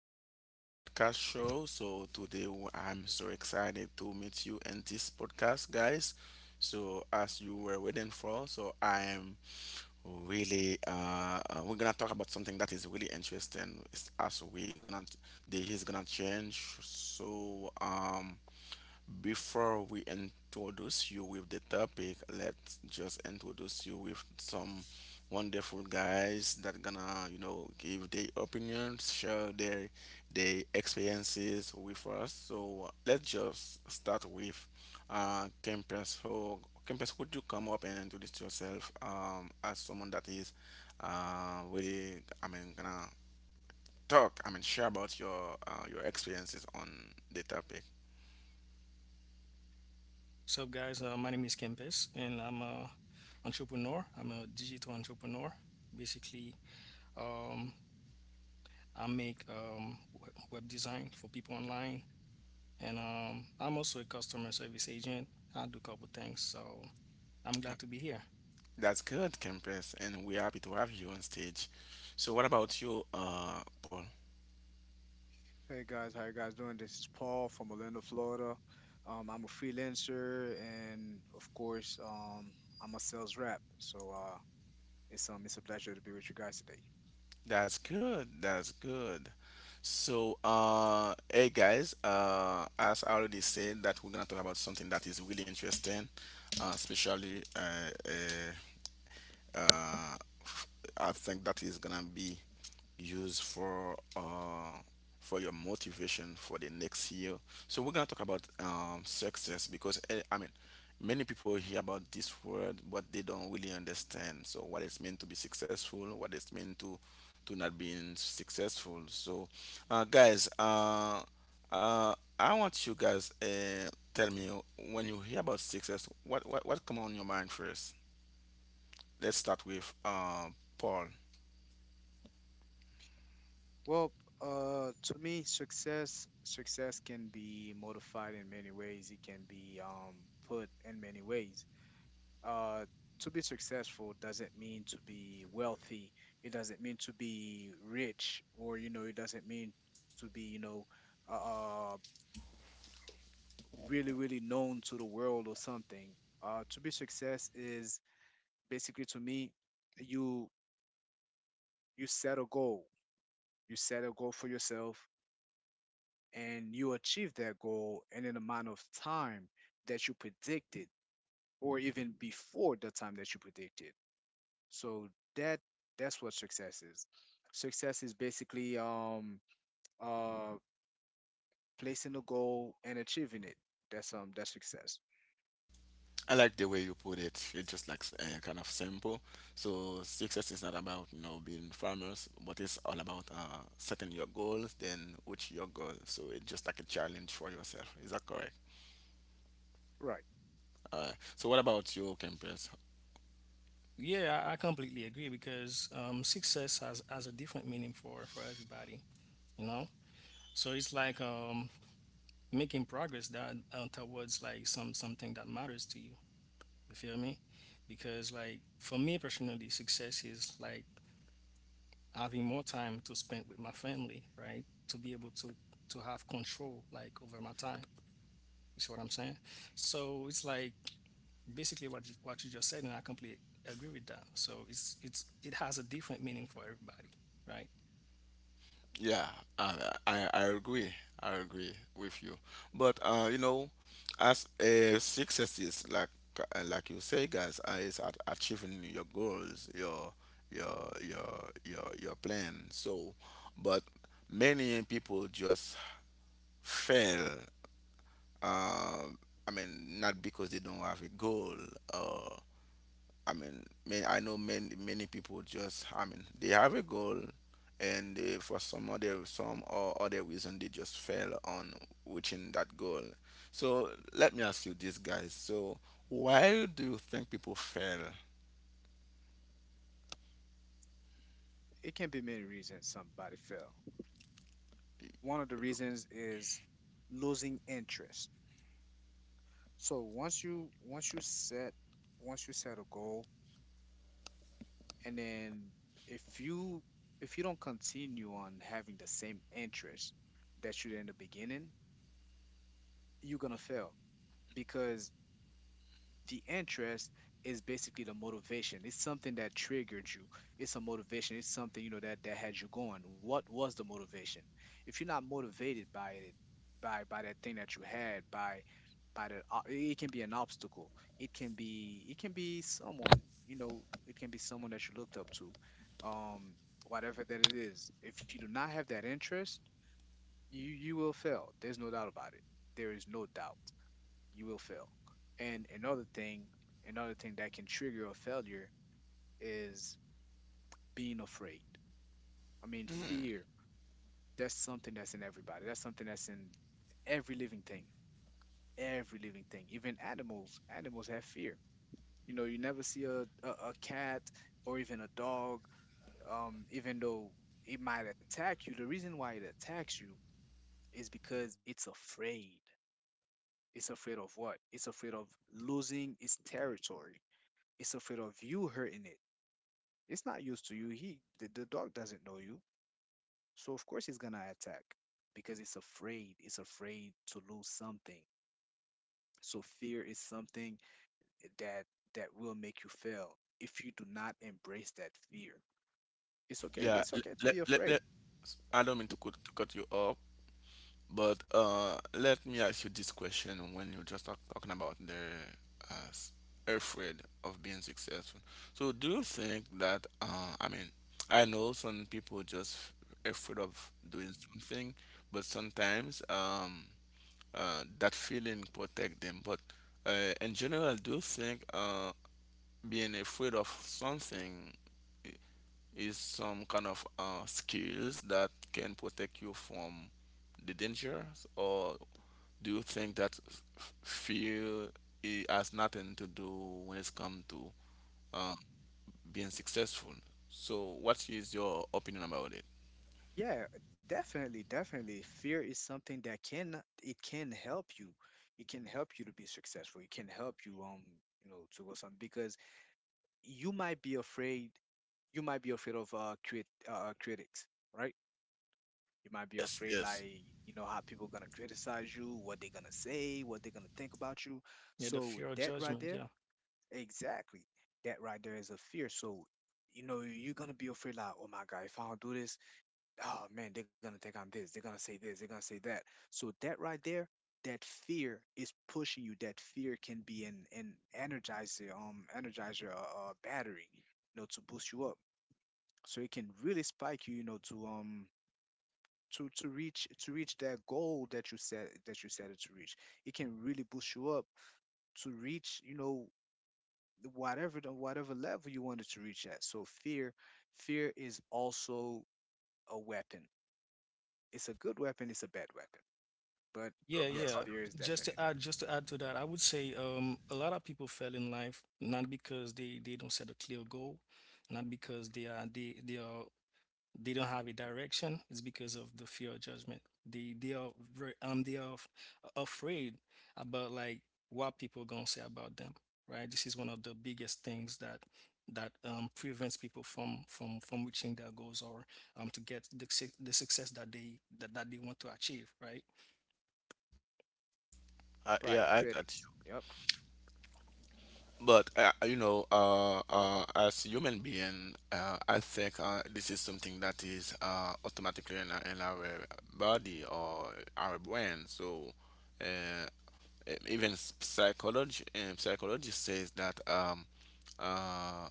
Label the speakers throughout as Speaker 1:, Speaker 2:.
Speaker 1: to our podcast show. So, today I'm so excited to meet you in this podcast, guys. So, as you were waiting for, we're gonna talk about something that is really interesting. It's as we gonna, The year is gonna change. So, before we introduce you with the topic, let's just introduce you with some wonderful guys that gonna, give their opinions, share their experiences with us. So let's just start with Campus. So Campus, could you come up and introduce yourself as someone that is really, I mean, gonna talk, I mean share about your experiences on the topic.
Speaker 2: What's up, guys? My name is Kempis, and I'm a entrepreneur. I'm a digital entrepreneur. Basically, um, I make web design for people online, and I'm also a customer service agent. I do a couple things, so I'm glad to be here.
Speaker 1: That's good, Campus, and we're happy to have you on stage. So, what about you, Paul?
Speaker 3: Hey guys, how you guys doing? This is Paul from Orlando, Florida. I'm a freelancer, and of course, I'm a sales rep. So it's a pleasure to be with you guys today.
Speaker 1: That's good. That's good. So, hey guys, as I already said, that we're gonna talk about something that is really interesting, especially Uh, I think that is gonna be used for your motivation for the next year. So we're gonna talk about success, because I mean, many people hear about this word, but they don't really understand. So what it's meant to be successful, what it's meant to not being successful. So, guys, I want you guys, tell me, when you hear about success, what come on your mind first? Let's start with Paul.
Speaker 3: Well, to me, success can be modified in many ways. It can be put in many ways. Uh, to be successful doesn't mean to be wealthy. It doesn't mean to be rich, or you know, it doesn't mean to be you know uh. uh, really really known to the world or something to be success is basically to me you you set a goal you set a goal for yourself, and you achieve that goal in an amount of time that you predicted, or even before the time that you predicted. So that that's what success is. Success is basically uh placing a goal and achieving it. That's that's success.
Speaker 1: I like the way you put it. It's just like, kind of simple. So success is not about, being farmers, but it's all about, setting your goals. Then which your goal? So it's just like a challenge for yourself. Is that correct?
Speaker 3: Right,
Speaker 1: So what about your campus?
Speaker 2: Yeah, I completely agree because success has a different meaning for everybody, you know. So it's like making progress that towards like something that matters to you. You feel me? Because like for me personally, success is like having more time to spend with my family, right? To be able to have control like over my time. You see what I'm saying? So it's like basically what you just said, and I completely agree with that. So it's it has a different meaning for everybody, right?
Speaker 1: Yeah, I, I agree. I agree with you. But you know, as a success is like, like you say, guys, is at achieving your goals, your plan. So, but many people just fail. Um, I mean, not because they don't have a goal. Uh, I mean, man, I know many people just, I mean, they have a goal, and they, for some other some or other reason, they just fail on reaching that goal. So let me ask you this, guys. So why do you think people fail?
Speaker 3: it can be many reasons somebody fail. One of the reasons is losing interest. So once you once you set a goal, and then if you if you don't continue on having the same interest that you did in the beginning, you're gonna fail because the interest is basically the motivation. It's something that triggered you. It's a motivation. It's something, you know, that that had you going. What was the motivation? If you're not motivated by it, by that thing that you had, by it can be an obstacle. It can be someone, you know. It can be someone that you looked up to. Um, whatever that it is. If you do not have that interest, you will fail. There's no doubt about it. There is no doubt you will fail. And another thing that can trigger a failure is being afraid. I mean, fear, that's something that's in everybody. That's something that's in every living thing, every living thing, even animals. Animals have fear. You know, you never see a cat or even a dog, even though it might attack you. The reason why it attacks you is because it's afraid. It's afraid of what? It's afraid of losing its territory. It's afraid of you hurting it. It's not used to you. The dog doesn't know you. So of course he's gonna attack because it's afraid. It's afraid to lose something. So fear is something that that will make you fail if you do not embrace that fear. It's okay.
Speaker 1: Yeah,
Speaker 3: It's okay to
Speaker 1: let,
Speaker 3: be
Speaker 1: let, let,
Speaker 3: afraid.
Speaker 1: I don't mean to cut you off. But let me ask you this question, when you just talking about the, uh, s- afraid of being successful. So do you think that, I mean, I know some people just afraid of doing something, but sometimes, that feeling protect them. But in general, do you think being afraid of something i- is some kind of skills that can protect you from the dangers, or do you think that fear I has nothing to do when it's come to um, being successful? So, what is your opinion about it?
Speaker 3: Yeah, definitely, definitely. Fear is something that can it can help you. It can help you to be successful. It can help you you know, to go something because you might be afraid, you might be afraid of critics, right? You might be
Speaker 1: Yes,
Speaker 3: afraid
Speaker 1: yes.
Speaker 3: like, you know, how people gonna criticize you, what they gonna say, what they gonna think about you.
Speaker 2: Yeah, the
Speaker 3: So
Speaker 2: fear of
Speaker 3: that right
Speaker 2: judgment.
Speaker 3: there,
Speaker 2: Yeah.
Speaker 3: exactly. That right there is a fear. So, you know, you're gonna be afraid like, oh my God, if I don't do this, oh man, they're gonna think I'm this, they're gonna say this, they're gonna say that. So that right there, that fear is pushing you. That fear can be an energizer, energizer, battery, you know, to boost you up. So it can really spike you, you know, to. To reach that goal that you set it to reach. It can really boost you up to reach, you know, whatever the whatever level you wanted to reach at. So fear, fear is also a weapon. It's a good weapon, it's a bad weapon. But
Speaker 2: Yeah,
Speaker 3: yes,
Speaker 2: yeah.
Speaker 3: fear is definitely there.
Speaker 2: Just to add to that, I would say a lot of people fail in life not because they don't set a clear goal, not because they don't have a direction. It's because of the fear of judgment. They are very they are afraid about like what people gonna say about them, right? This is one of the biggest things that that prevents people from reaching their goals or to get the the success that that they want to achieve, right?
Speaker 3: Right,
Speaker 1: Yeah, I got
Speaker 3: critics.
Speaker 1: you.
Speaker 3: Yep.
Speaker 1: But you know, as human being, I think this is something that is automatically in our body or our brain. So uh, even psychology, psychology says that, uh,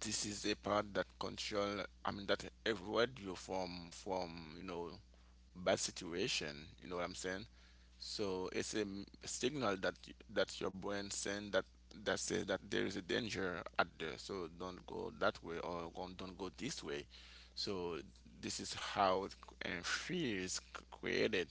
Speaker 1: this is a part that control, I mean, that avoid you from you know bad situation, you know what I'm saying? So it's a signal that, that your brain send that says that there is a danger out there, so don't go that way, or don't go this way. So this is how and fear is created.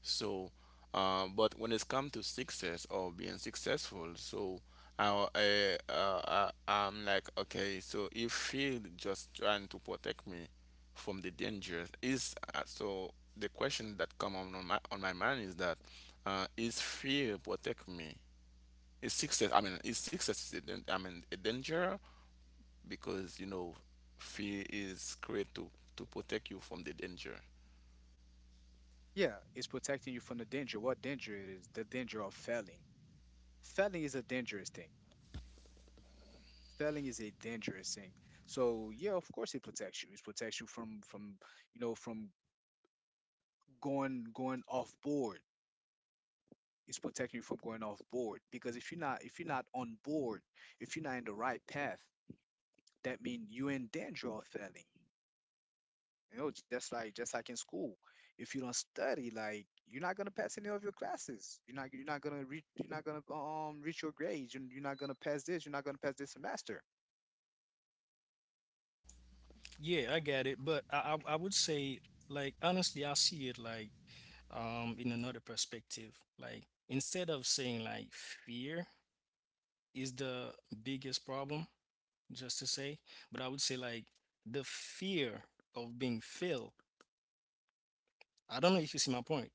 Speaker 1: So, but when it's come to success or being successful, so I'm like, okay, so if he just trying to protect me from the dangers, is so the question that come on my mind is that, is fear protect me? Is success, I mean, is success a I mean, a danger? Because, you know, fear is created to protect you from the danger.
Speaker 3: Yeah, it's protecting you from the danger. What danger it is? The danger of failing. Failing is a dangerous thing. Failing is a dangerous thing. So yeah, of course it protects you. It protects you from, you know, from going off board. It's protecting you from going off board because if you're not on board, if you're not in the right path, that means you're in danger of failing. You know, just like in school, if you don't study, like you're not gonna pass any of your classes. You're not gonna reach, you're not gonna reach your grades. You're not gonna pass this. You're not gonna pass this semester.
Speaker 2: Yeah, I get it, but I would say like honestly, I see it like in another perspective. Like instead of saying like fear is the biggest problem, just to say, but I would say like the fear of being failed. I don't know if you see my point.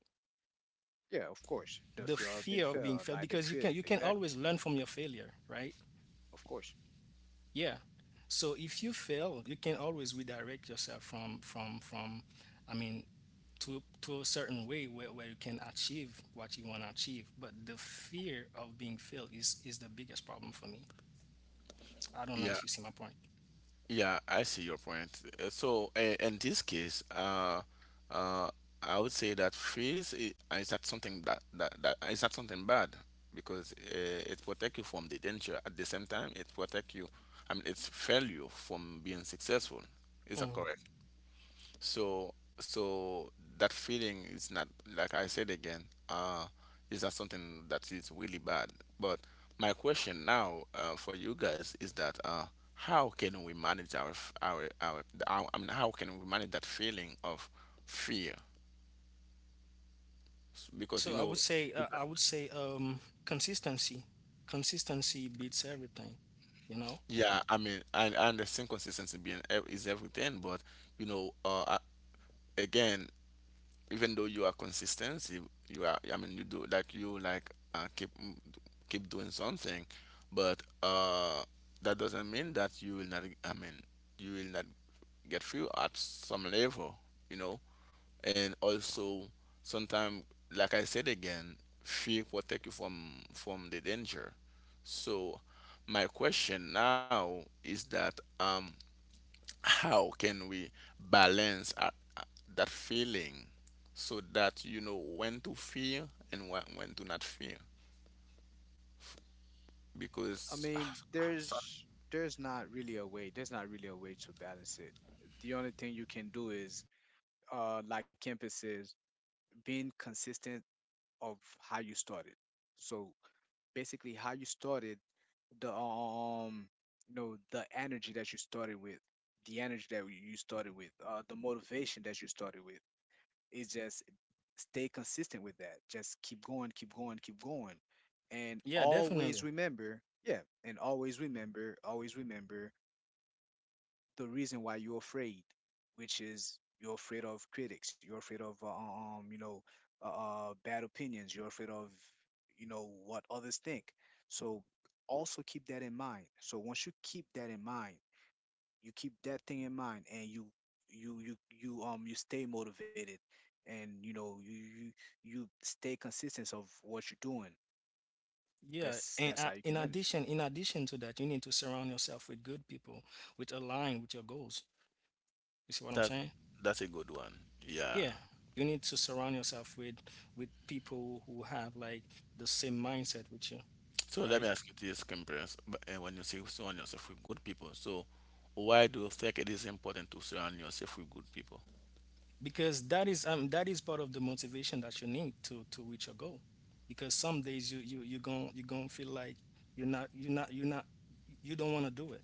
Speaker 3: Yeah, of course. The
Speaker 2: The
Speaker 3: fear of being
Speaker 2: fear of being
Speaker 3: failed,
Speaker 2: failed
Speaker 3: like the
Speaker 2: because
Speaker 3: critics,
Speaker 2: you can
Speaker 3: exactly.
Speaker 2: always learn from your failure, right?
Speaker 3: Of course.
Speaker 2: Yeah. So if you fail, you can always redirect yourself from I mean to a certain way where you can achieve what you want to achieve. But the fear of being failed is the biggest problem for me. I don't know if
Speaker 1: Yeah.
Speaker 2: you see my point.
Speaker 1: Yeah, I see your point. So, in this case, uh, I would say that is not something, that is not something bad, because it protect you from the danger. At the same time, it protect you, I mean, it's failure, from being successful. Is that
Speaker 2: Mhm.
Speaker 1: correct? So so, that feeling is not, like I said again, uh is not something that is really bad. But my question now, for you guys, is that, how can we manage our, I mean, how can we manage that feeling of fear? Because,
Speaker 2: So
Speaker 1: you know,
Speaker 2: I would say consistency. Consistency beats everything, you know?
Speaker 1: yeah, I mean I understand consistency being, is everything, but, you know, again, even though you are consistent, you are, I mean, you do like, you like, keep doing something, but that doesn't mean that you will not, I mean, you will not get through at some level, you know. And also sometimes, like I said again, fear protect you from the danger. So my question now is that, how can we balance, uh, that feeling, so that you know when to fear and when to not fear,
Speaker 3: I
Speaker 1: because,
Speaker 3: mean,
Speaker 1: so
Speaker 3: there's not really a way. There's not really a way to balance it. The only thing you can do is, like Kempis says, being consistent of how you started. So basically, how you started the you know, the energy that you started with, the motivation that you started with, is just stay consistent with that. Just keep going keep going. And
Speaker 2: Yeah,
Speaker 3: always
Speaker 2: definitely.
Speaker 3: remember, yeah, and always remember, the reason why you're afraid, which is you're afraid of critics, you're afraid of you know, uh, bad opinions, you're afraid of, you know, what others think. So also keep that in mind. So once you keep that in mind, you keep that thing in mind, and you you stay motivated, and you know you stay consistent of what you're doing.
Speaker 2: Yeah,
Speaker 3: That's
Speaker 2: and
Speaker 3: how you can manage.
Speaker 2: in addition to that, you need to surround yourself with good people, which align with your goals. You see what I'm
Speaker 1: that
Speaker 2: saying?
Speaker 1: that's a good one. Yeah.
Speaker 2: Yeah, you need to surround yourself with people who have like the same mindset with you,
Speaker 1: So let
Speaker 2: right?
Speaker 1: me ask you this, Kimbrels, but when you say surround yourself with good people, so why do you think it is important to surround yourself with good people?
Speaker 2: Because that is part of the motivation that you need to reach your goal. Because some days you you you gon' feel like you're not you don't want to do it.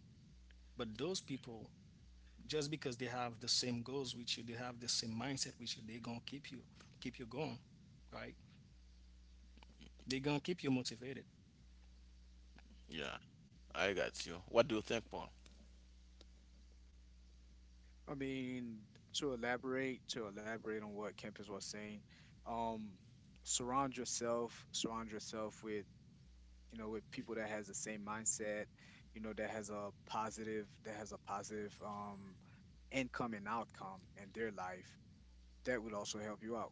Speaker 2: But those people, just because they have the same goals with you, they have the same mindset with you, they're gonna keep you going, right? They're gonna keep you motivated.
Speaker 1: Yeah, I got you. What do you think, Paul?
Speaker 3: I mean, to elaborate on what Kempis was saying, um, surround yourself with, you know, with people that has the same mindset, you know, that has a positive, that has a positive income and outcome in their life. That will also help you out.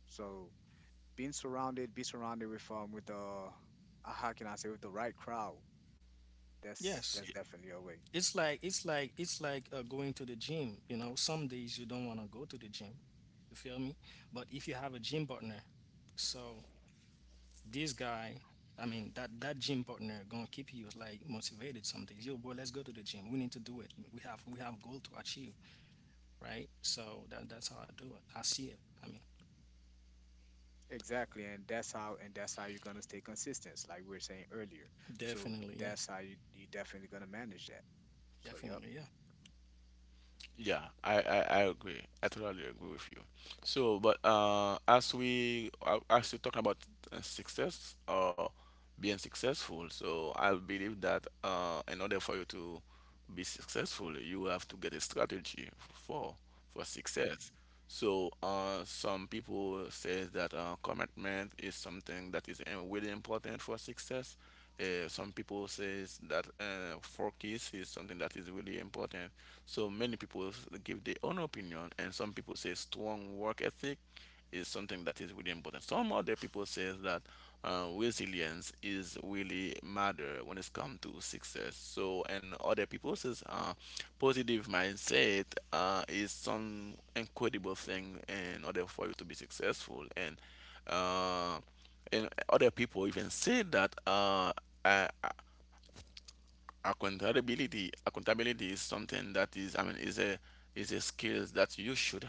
Speaker 3: So being surrounded, be surrounded with the, how can I say, with the right crowd. That's
Speaker 2: Yes,
Speaker 3: definitely a way.
Speaker 2: it's like it's like going to the gym. You know, some days you don't want to go to the gym. You feel me? But if you have a gym partner, so this guy, I mean that gym partner gonna keep you like motivated. Some days, yo, bro, let's go to the gym. We need to do it. We have goal to achieve, right? So that's how I do it. I see it. I mean,
Speaker 3: Exactly, and that's how you're gonna stay consistent, like we were saying earlier. So
Speaker 2: definitely, yeah,
Speaker 3: that's how you definitely gonna manage that. So yep.
Speaker 2: definitely, yeah.
Speaker 1: Yeah, I agree. I totally agree with you. So, but as we talking about success or being successful, so I believe that in order for you to be successful, you have to get a strategy for success. So some people says that commitment is something that is really important for success. Some people says that focus is something that is really important. So many people give their own opinion, and some people say strong work ethic, is something that is really important. Some other people says that resilience is really matter when it's come to success. So, and other people says positive mindset is some incredible thing in order for you to be successful. Uh, and other people even say that I accountability is something that is, I mean, is a, skills that you should,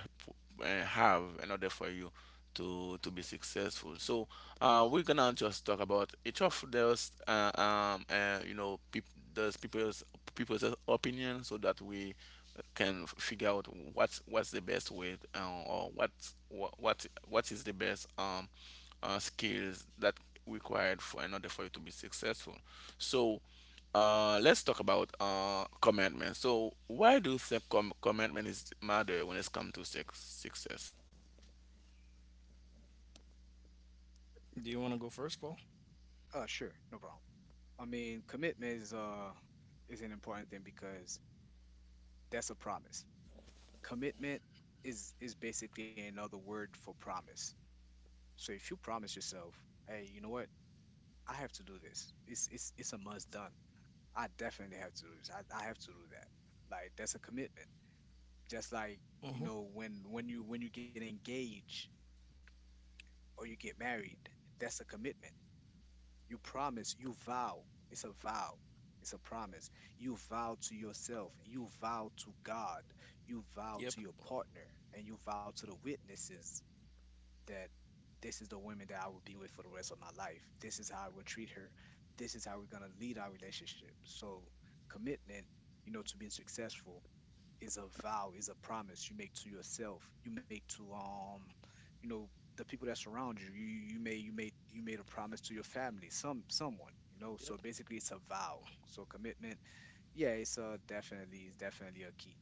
Speaker 1: have in order for you to be successful. So we're gonna just talk about each of those, you know, those people's people's opinion, so that we can figure out what's the best way, or what is the best, skills that required for in order for you to be successful. So let's talk about commitment. So, why do you think commitment is matter when it's come to sex success?
Speaker 2: Do you want to go first, Paul?
Speaker 3: Uh, sure, no problem. I mean, commitment is an important thing because that's a promise. Commitment is basically another word for promise. So if you promise yourself, hey, you know what, I have to do this. It's a must done. I definitely have to do this. I have to do that. Like that's a commitment. Just like, you
Speaker 2: Mm-hmm.
Speaker 3: know, when you get engaged or you get married. That's a commitment. You promise, you vow. It's a vow. It's a promise. You vow to yourself, you vow to God, you vow
Speaker 2: Yep.
Speaker 3: to your partner, and you vow to the witnesses that this is the woman that I will be with for the rest of my life. This is how I will treat her. This is how we're going to lead our relationship. So commitment, you know, to being successful is a vow, is a promise you make to yourself. You make to you know, the people that surround you. You you made a promise to your family, someone, you know.
Speaker 2: Yep.
Speaker 3: So basically it's a vow. So commitment, yeah, it's definitely it's definitely a key.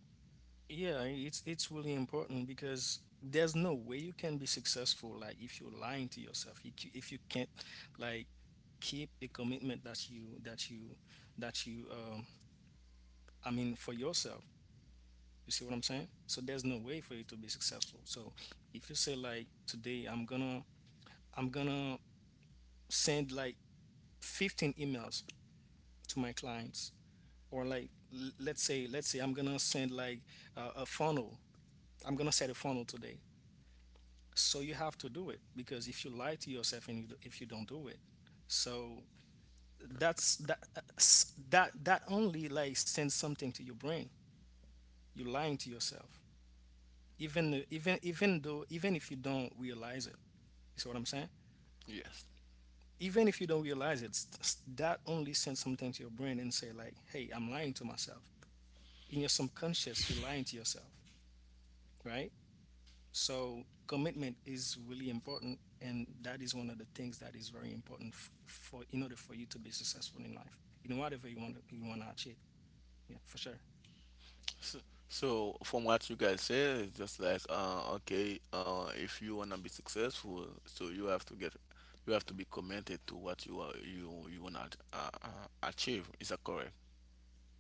Speaker 2: Yeah, it's really important because there's no way you can be successful like if you're lying to yourself. If you can't like keep the commitment that you I mean for yourself. You see what I'm saying? So there's no way for you to be successful. So if you say like today I'm gonna send like 15 emails to my clients or like let's say I'm gonna send like a funnel. I'm gonna set a funnel today. So you have to do it because if you lie to yourself and if you don't do it, so that's that s- that that only like sends something to your brain. You're lying to yourself, even if you don't realize it. You see what I'm saying?
Speaker 1: Yes.
Speaker 2: Even if you don't realize it, that only sends something to your brain and say like, "Hey, I'm lying to myself." In your subconscious, you're lying to yourself, right? So commitment is really important, and that is one of the things that is very important for in order for you to be successful in life, in whatever you want to achieve. Yeah, for sure.
Speaker 1: So, so, from what you guys say, it's just like, okay, if you wanna be successful, so you have to, get you have to be committed to what you are, you wanna, achieve. Is that correct?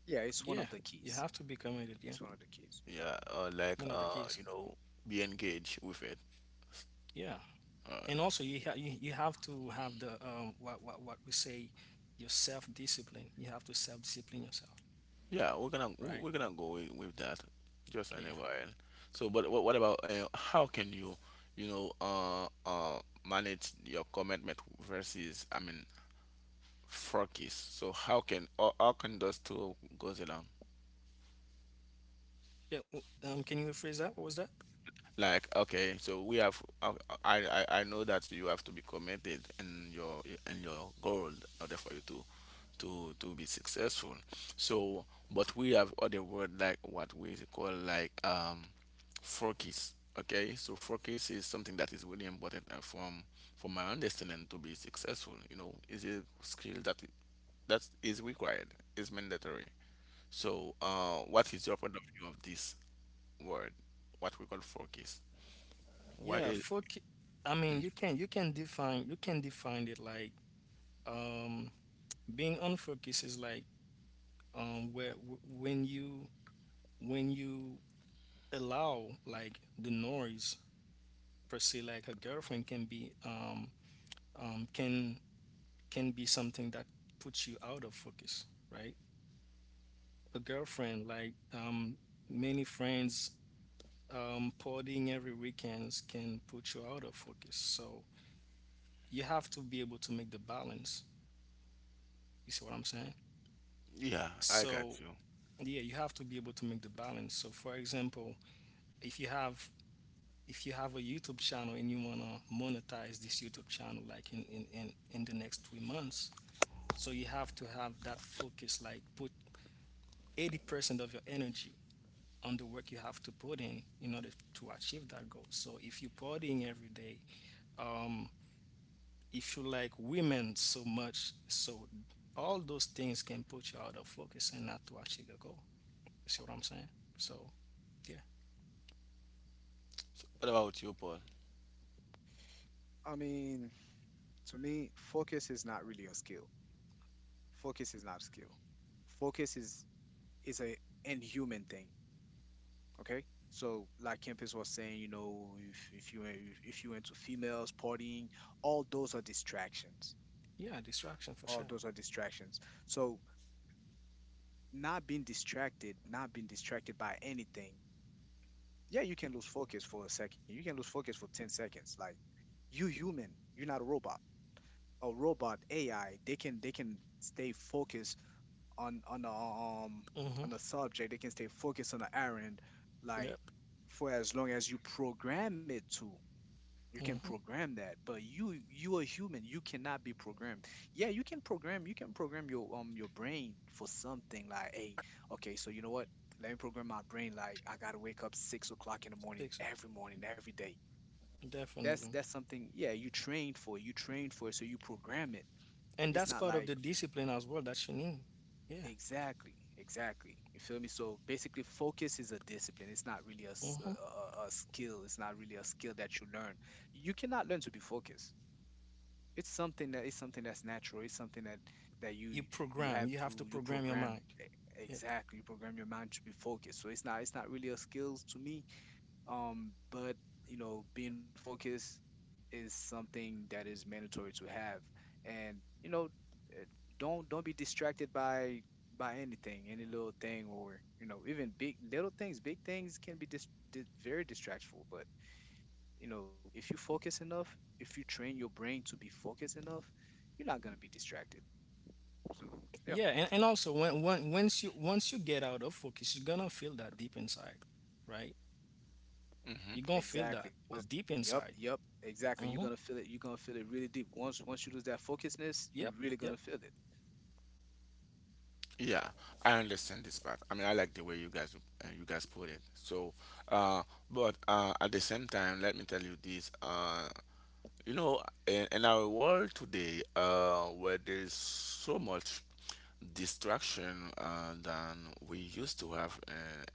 Speaker 3: Yeah, it's one
Speaker 2: Yeah,
Speaker 3: of the
Speaker 2: you
Speaker 3: keys.
Speaker 2: have to be committed. Yeah,
Speaker 3: It's one of the keys. Yep.
Speaker 1: Yeah, or like,
Speaker 2: one of the keys.
Speaker 1: you know, be engaged with it.
Speaker 2: Yeah,
Speaker 1: Uh,
Speaker 2: and also you, you have to have the what we say your self discipline. You have to self discipline yourself,
Speaker 1: Yeah, we're gonna,
Speaker 2: right?
Speaker 1: we're gonna go with that just
Speaker 2: Yeah.
Speaker 1: anyway. So, but what about, how can you, you know manage your commitment versus, I mean, focus? So how can, or how can those two goes along?
Speaker 2: Yeah. Can you rephrase that? What was that?
Speaker 1: Like, okay, so we have, I know that you have to be committed in your, goal in order for you to be successful, so but we have other word, like what we call, like, focus. Okay, so focus is something that is really important, from my understanding, to be successful, you know, is a skill that is required, is mandatory. So what is your point of view of this word, what we call focus? Why?
Speaker 2: Yeah. I mean, you can define you can define it like. um Being unfocused is like where when you allow like the noise, per se. Like a girlfriend can be can be something that puts you out of focus, right? A girlfriend, like many friends, partying every weekends can put you out of focus. So you have to be able to make the balance. You see what I'm saying?
Speaker 1: Yeah, I got
Speaker 2: So
Speaker 1: you.
Speaker 2: yeah, you have to be able to make the balance. So for example, if you have if you have a YouTube channel and you want to monetize this YouTube channel, like in, the next 3 months, so you have to have that focus, like put 80% of your energy on the work you have to put in order to achieve that goal. So if you're partying every day, um, if you like women so much, so all those things can put you out of focus and not to achieve your goal. You see what I'm saying? So yeah,
Speaker 1: So what about you, Paul?
Speaker 3: I mean, to me, focus is not really a skill. Focus is not a skill. Focus is a inhuman thing. Okay, so like Kempis was saying, you know, if you into females partying, all those are distractions.
Speaker 2: yeah, distraction for
Speaker 3: All
Speaker 2: sure.
Speaker 3: those are distractions. So not being distracted, not being distracted by anything. Yeah, you can lose focus for a second. You can lose focus for 10 seconds. Like you human, you're not a robot. A robot AI, they can stay focused on
Speaker 2: Mm-hmm.
Speaker 3: on a subject. They can stay focused on the errand. Like
Speaker 2: Yep.
Speaker 3: for as long as you program it to. You can
Speaker 2: Mm-hmm.
Speaker 3: program that, but you are human, you cannot be programmed. Yeah, you can program, you can program your brain for something like, hey, okay, so you know what, let me program my brain like I gotta wake up 6 o'clock in the
Speaker 2: Takes it.
Speaker 3: morning every day. That's
Speaker 2: Definitely.
Speaker 3: something. Yeah, you trained for it. You trained for it, so you program it.
Speaker 2: And
Speaker 3: It's
Speaker 2: that's
Speaker 3: not
Speaker 2: part of
Speaker 3: like
Speaker 2: the discipline as well that you need. Yeah.
Speaker 3: exactly, you feel me? So basically focus is a discipline. It's not really a, s-
Speaker 2: Hmm.
Speaker 3: a skill. It's not really a skill that you learn. You cannot learn to be focused. It's something that it's something that's natural. It's something that that
Speaker 2: You
Speaker 3: you you
Speaker 2: program.
Speaker 3: have
Speaker 2: You
Speaker 3: to,
Speaker 2: have to
Speaker 3: you
Speaker 2: program your
Speaker 3: program.
Speaker 2: mind.
Speaker 3: e-
Speaker 2: Yeah.
Speaker 3: exactly, you program your mind to be focused. So it's not, it's not really a skill to me. But you know, being focused is something that is mandatory to have. And you know, eh, don't be distracted by anything, any little thing. Or you know, even big little things, big things can be very distractful. But you know, if you focus enough, if you train your brain to be focused enough, you're not gonna be distracted. So yeah,
Speaker 2: Yeah. And also when, once you get out of focus, you're gonna feel that deep inside, right?
Speaker 1: Mhm.
Speaker 2: You're gonna feel that
Speaker 3: exactly. Once,
Speaker 2: deep
Speaker 3: yep,
Speaker 2: inside.
Speaker 3: yep, exactly. You're
Speaker 2: Hmm.
Speaker 3: gonna feel it. You're gonna feel it really deep. Once, once you lose that focusedness, you're
Speaker 2: Yep.
Speaker 3: really
Speaker 2: Yep.
Speaker 3: gonna feel it.
Speaker 1: Yeah, I understand this part. I mean, I like the way you guys put it. So, uh, but at the same time, let me tell you this. You know, in our world today, where there is so much distraction, than we used to have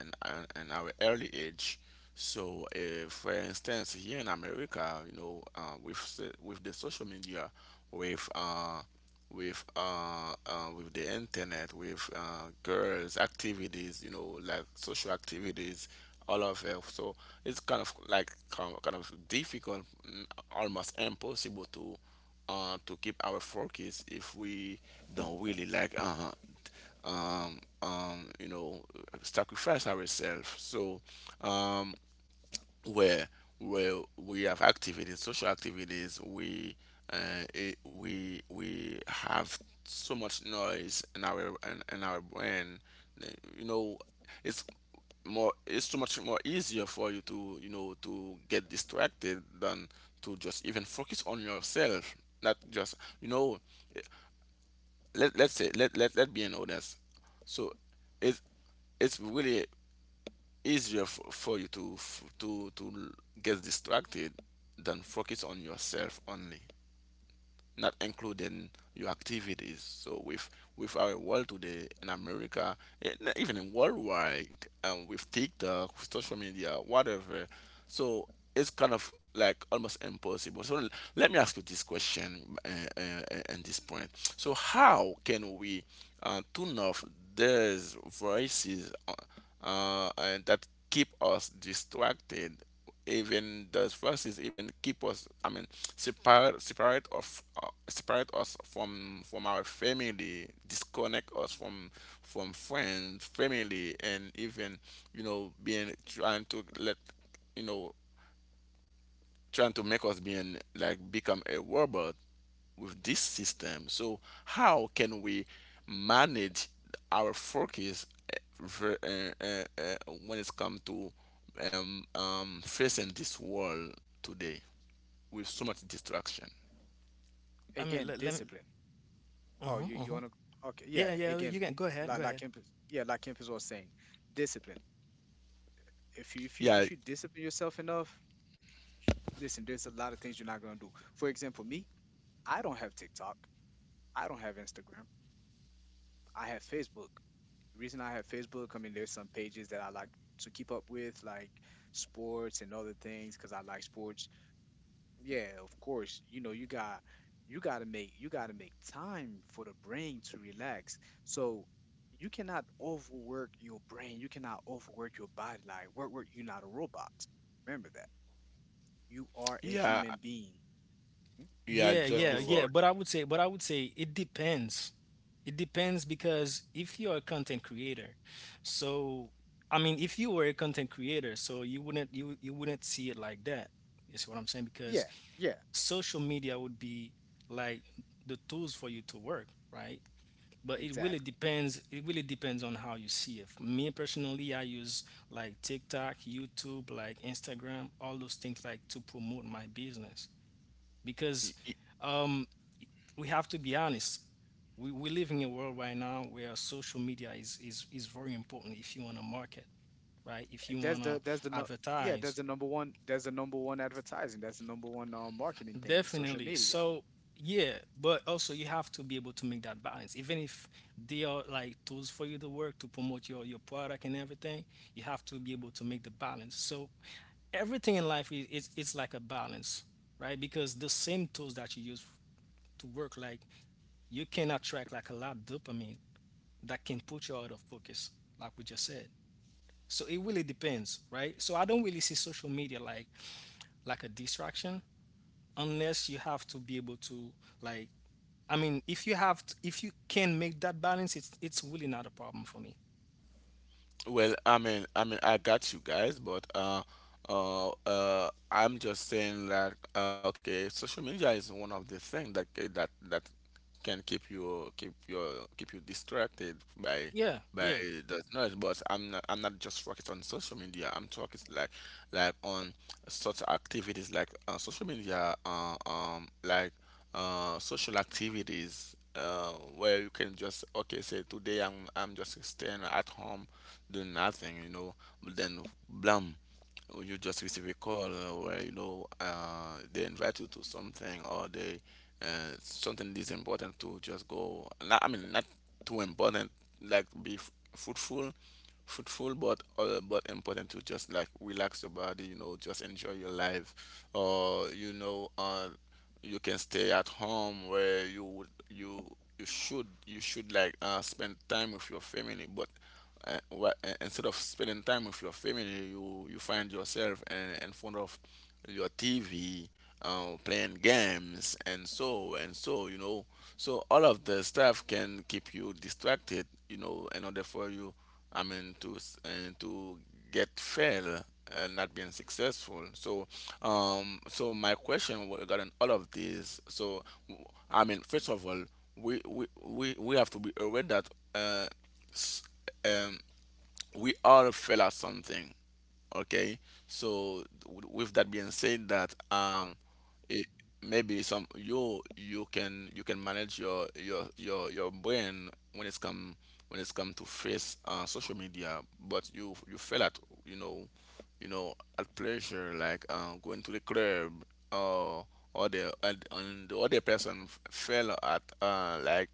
Speaker 1: in our early age. So, for instance, here in America, you know, with the social media, with uh, with the internet, with girls' activities, you know, like social activities, all of it. So it's kind of like kind of difficult, almost impossible to keep our focus if we don't really like um, um, you know sacrifice ourselves. So um, where where we have activities, social activities, we it, we have so much noise in our brain. You know, it's it's so much more easier for you to to get distracted than to just even focus on yourself. Not just you know, let let's say let let let be an honest. So it's it's really easier for you to get distracted than focus on yourself only, not including your activities. So with our world today in America, not even in worldwide, with TikTok, with social media, whatever, so it's kind of like almost impossible. Let me ask you this question and this point. So how can we tune off these voices and that keep us distracted, even those forces even keep us, I mean separate us from our family, disconnect us from friends, family, and even you know being trying to let you know trying to make us being like become a robot with this system. So how can we manage our focus eh, ver- eh, eh, eh, when it's come to facing this world today with so much distraction?
Speaker 2: I mean
Speaker 3: Again,
Speaker 2: let me.
Speaker 3: discipline. Oh,
Speaker 2: Hmm.
Speaker 3: you
Speaker 2: Hmm.
Speaker 3: wanna? Okay, yeah.
Speaker 2: Yeah, yeah,
Speaker 3: Again,
Speaker 2: you can go ahead, go
Speaker 3: like
Speaker 2: ahead.
Speaker 3: Kempis, yeah, like Kemp is was saying, discipline. If you if you
Speaker 1: Yeah,
Speaker 3: if you discipline yourself enough, listen, there's a lot of things you're not gonna do. For example, me, I don't have TikTok, I don't have Instagram, I have Facebook. The reason I have Facebook, I mean, there's some pages that I like to keep up with, like sports and other things, because I like sports. Yeah, of course. You know, you got to make you got to make time for the brain to relax. So you cannot overwork your brain. You cannot overwork your body. Like work, work. You're not a robot. Remember that. You are a
Speaker 1: yeah,
Speaker 3: human being. Mhm.
Speaker 1: yeah.
Speaker 2: Yeah,
Speaker 1: Just
Speaker 2: yeah,
Speaker 3: So
Speaker 2: yeah.
Speaker 1: before,
Speaker 2: But I would say it depends. It depends because if you're a content creator, so I mean, if you were a content creator, so you wouldn't see it like that. You see what I'm saying? Because
Speaker 3: yeah, yeah,
Speaker 2: social media would be like the tools for you to work, right? But it really
Speaker 3: exactly.
Speaker 2: depends. It really depends on how you see it. For me personally, I use like TikTok, YouTube, like Instagram, all those things like to promote my business
Speaker 1: y-
Speaker 2: because.
Speaker 1: y-
Speaker 2: Um, we have to be honest. We live in a world right now where social media is very important if you want to market, right? If you want to
Speaker 3: That's the no, Yeah, that's
Speaker 2: advertise,
Speaker 3: the number one that's the number one advertising, that's the number one marketing thing, social
Speaker 2: definitely.
Speaker 3: media.
Speaker 2: So, yeah, but also you have to be able to make that balance. Even if they are like tools for you to work to promote your product and everything, you have to be able to make the balance. So, everything in life is like a balance, right? Because the same tools that you use to work, like you can attract like a lot of dopamine that can put you out of focus, like we just said. So it really depends, right? So I don't really see social media like a distraction unless you have to be able to like if you can make that balance, it's really not a problem for me.
Speaker 1: well, I mean, I got you guys, but I'm just saying that okay, social media is one of the things that that can keep you distracted by
Speaker 2: Yeah,
Speaker 1: by
Speaker 2: yeah.
Speaker 1: the noise, but I'm not just focused on social media. I'm talking like on such activities like social media, like social activities where you can just okay say today I'm just staying at home doing nothing, you know. But then blam, you just receive a call where you know they invite you to something or they something is important to just go, not, I mean not too important like be fruitful, but important to just like relax your body, you know, just enjoy your life, or you know, you can stay at home where you would you you should like spend time with your family, but instead of spending time with your family, you find yourself in front of your TV playing games and so and so. You know, so all of the stuff can keep you distracted. You know, in order for you, I mean, to to get fail and not being successful. So, so my question regarding all of this. So, I mean, first of all, we have to be aware that. Uh, um, we all fail at something. Okay, so with that being said, that it, maybe some you can manage your brain when it's come to face social media, but you fail at you know you know at pleasure, like going to the club, or or the, and the other person fail at like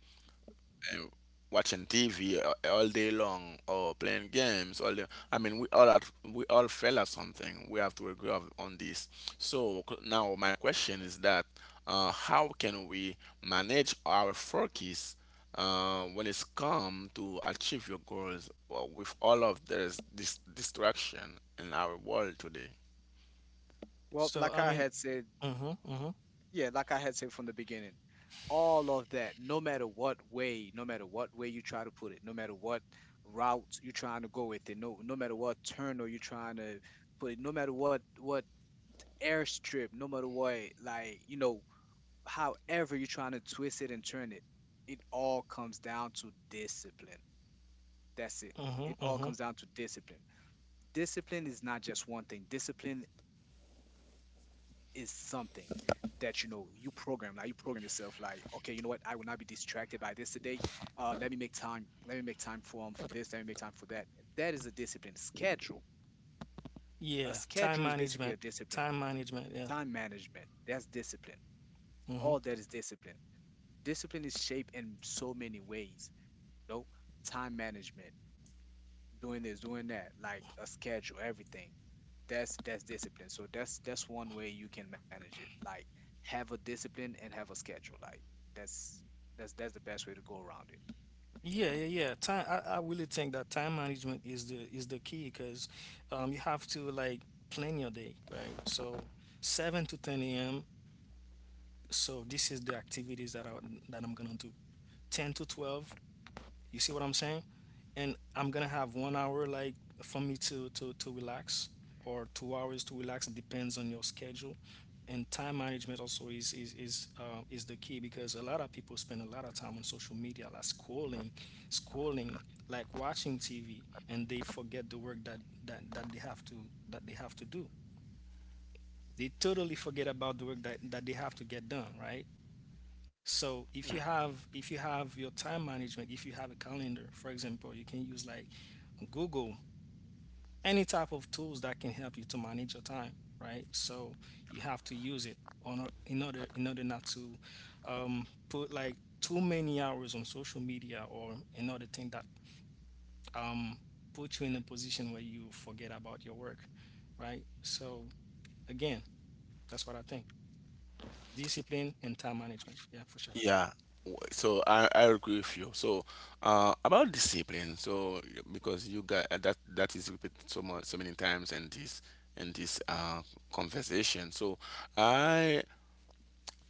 Speaker 1: uh, watching TV all day long or playing games all day. I mean, we all fail at something. We have to agree on this. So now my question is that how can we manage our focus when it's come to achieve your goals with all of this distraction in our world today?
Speaker 3: Well,
Speaker 2: So I
Speaker 3: like I
Speaker 2: mean,
Speaker 3: had said,
Speaker 2: uh-huh, uh-huh,
Speaker 3: yeah, like I had said from the beginning, all of that, no matter what way, no matter what way you try to put it, no matter what route you're trying to go with it, no matter what turn or you're trying to put it, no matter what airstrip, no matter what, like, you know, however you're trying to twist it and turn it, it all comes down to discipline. That's it.
Speaker 2: uh-huh,
Speaker 3: It all
Speaker 2: uh-huh.
Speaker 3: comes down to discipline. Discipline is not just one thing. Discipline is something that, you know, you program. Like, you program yourself. Like, okay, you know what? I will not be distracted by this today. Let me make time. Let me make time for this. Let me make time for that. That is a discipline. Schedule. A
Speaker 2: Yeah,
Speaker 3: schedule is basically a discipline.
Speaker 2: time management, yeah.
Speaker 3: Time management. That's discipline.
Speaker 2: Mhm.
Speaker 3: All that is discipline. Discipline is shaped in so many ways. You know, time management, doing this, doing that, like a schedule, everything. That's discipline. So that's one way you can manage it. Like, have a discipline and have a schedule. Like, that's that's the best way to go around it.
Speaker 2: Yeah, yeah, yeah. Time. I really think that time management is the key because you have to like plan your day, right? So 7 to 10 a.m. So this is the activities that I'm gonna do. 10 to 12, you see what I'm saying? And I'm gonna have 1 hour like for me to to relax or 2 hours to relax. It depends on your schedule. And time management also is the key because a lot of people spend a lot of time on social media, like scrolling, like watching TV, and they forget the work that they have to do. They totally forget about the work that they have to get done, right? So if you have your time management, if you have a calendar, for example, you can use like Google, any type of tools that can help you to manage your time, right? So you have to use it on or- in order not to put like too many hours on social media or another thing that um, puts you in a position where you forget about your work, right? So again, that's what I think. Discipline and time management. Yeah, for sure.
Speaker 1: Yeah, so I agree with you. So about discipline, so because you got that that is repeated so much so many times in this conversation. So I,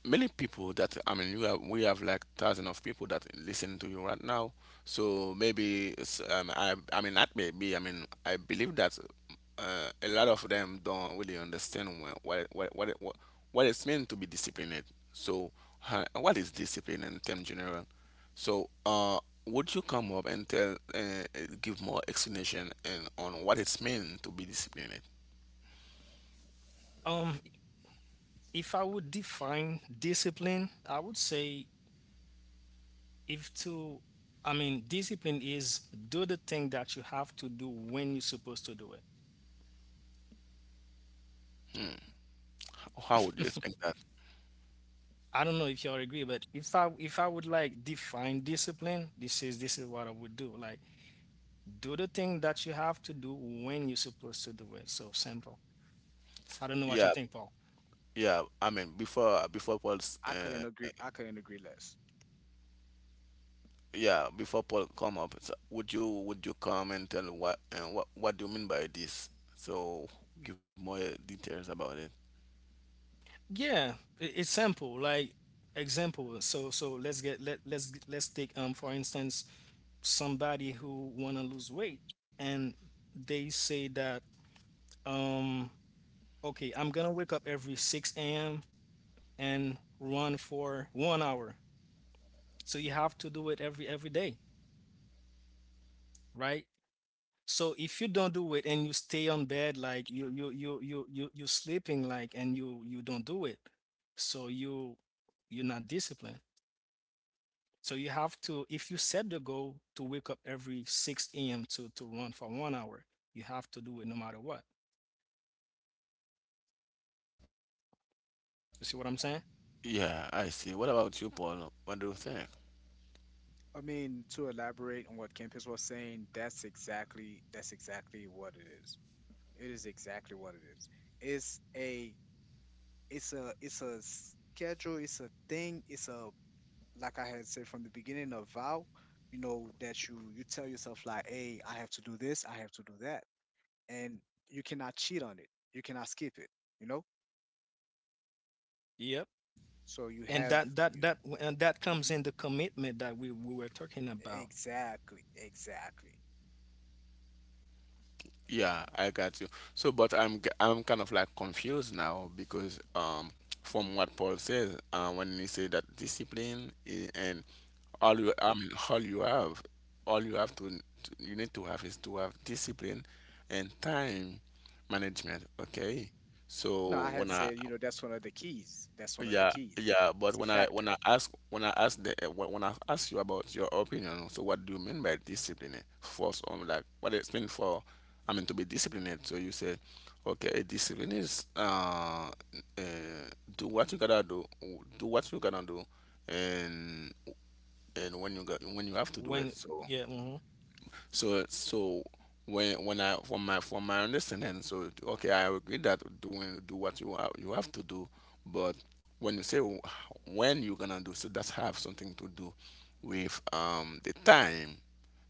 Speaker 1: many people that I mean, you have, we have like thousands of people that listen to you right now. So maybe it's, I mean not maybe, I mean I believe that a lot of them don't really understand what it's meant to be disciplined. So what is discipline in term general? So would you come up and tell, give more explanation and on what it's meant to be disciplined?
Speaker 2: Um, if I would define discipline, I would say if to, I mean, discipline is do the thing that you have to do when you're supposed to do it.
Speaker 1: How would you explain that?
Speaker 2: I don't know if y'all agree, but if I would like define discipline, this is what I would do. Like do the thing that you have to do when you're supposed to do it. So simple. I don't know what you
Speaker 1: Yeah,
Speaker 2: think, Paul.
Speaker 1: yeah. I mean, before Paul's
Speaker 3: I couldn't agree I couldn't agree less.
Speaker 1: yeah, before Paul come up, so would you come and tell what and what what do you mean by this? So give more details about it.
Speaker 2: Yeah, I- it's simple. Like example. So let's get let let's take for instance somebody who want to lose weight and they say that um okay, I'm gonna wake up every 6 a.m and run for 1 hour. So you have to do it every day, right? So if you don't do it and you stay on bed, like you sleeping, like, and you don't do it, so you're not disciplined. So you have to, if you set the goal to wake up every 6 a.m to run for 1 hour, you have to do it no matter what. You see what I'm saying?
Speaker 1: Yeah, I see. What about you, Paul? What do you think?
Speaker 3: I mean, to elaborate on what Campus was saying, that's exactly, that's exactly what it is. It is exactly what it is. It's a it's a schedule, it's a thing, it's a, like I had said from the beginning of vow, you know, that you tell yourself like, hey, I have to do this, I have to do that, and you cannot cheat on it. You cannot skip it. You know,
Speaker 2: Yep.
Speaker 3: so you
Speaker 2: And
Speaker 3: have you.
Speaker 2: that comes
Speaker 3: Mhm.
Speaker 2: in the commitment that we were talking about.
Speaker 3: Exactly, exactly.
Speaker 1: Yeah, I got you. So, but I'm I'm kind of like confused now because from what Paul says, when he say that discipline, and all you, I mean all you have, all you have to you need to have is to have discipline and time management. Okay.
Speaker 3: No,
Speaker 1: So
Speaker 3: I had
Speaker 1: when I,
Speaker 3: said, you know, that's one of the keys. That's one of the
Speaker 1: yeah,
Speaker 3: keys.
Speaker 1: yeah, but
Speaker 3: It's a
Speaker 1: when I when
Speaker 3: factor.
Speaker 1: I ask when I ask the when I ask you about your opinion, so what do you mean by discipline? First, on like what it's mean for, I mean to be disciplined. So you say, okay, discipline is uh do what you gotta do, do what you gotta do, and and when you got when you have to do it.
Speaker 2: When
Speaker 1: So.
Speaker 2: Yeah, mhm.
Speaker 1: So so when I, from my understanding, so okay, I agree that doing do what you have to do, but when you say when you're gonna do, so that's have something to do with the time.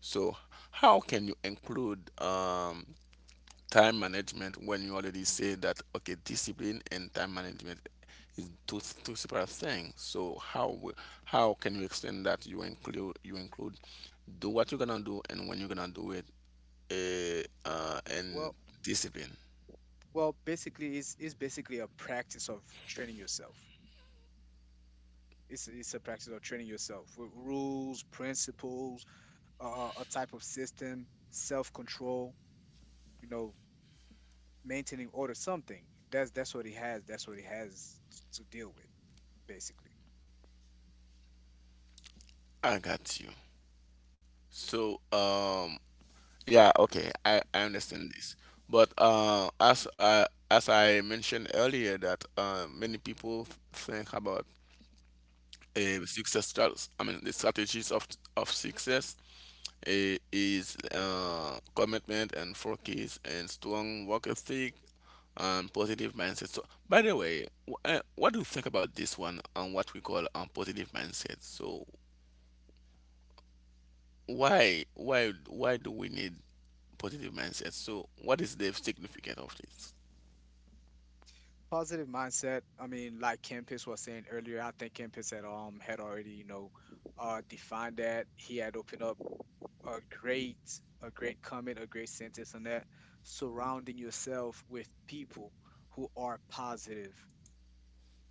Speaker 1: So how can you include time management when you already say that okay discipline and time management is two two separate things? So how can you extend that you include do what you're gonna do and when you're gonna do it and
Speaker 3: Well,
Speaker 1: discipline.
Speaker 3: well, basically, it's basically a practice of training yourself. It's a practice of training yourself with rules, principles, a type of system, self control, you know, maintaining order, something. That's what he has. That's what he has to deal with, basically.
Speaker 1: I got you. So yeah, okay, I understand this, but uh, as I as I mentioned earlier that many people think about success, I mean, the strategies of success is commitment and focus and strong work ethic and positive mindset. So, by the way, what do you think about this one on what we call positive mindset? So, why do we need positive mindset? So, what is the significance of this?
Speaker 3: Positive mindset. I mean, like Kempis was saying earlier, I think Kempis had had already, you know, defined that. He had opened up a great a great comment, a great sentence on that. Surrounding yourself with people who are positive,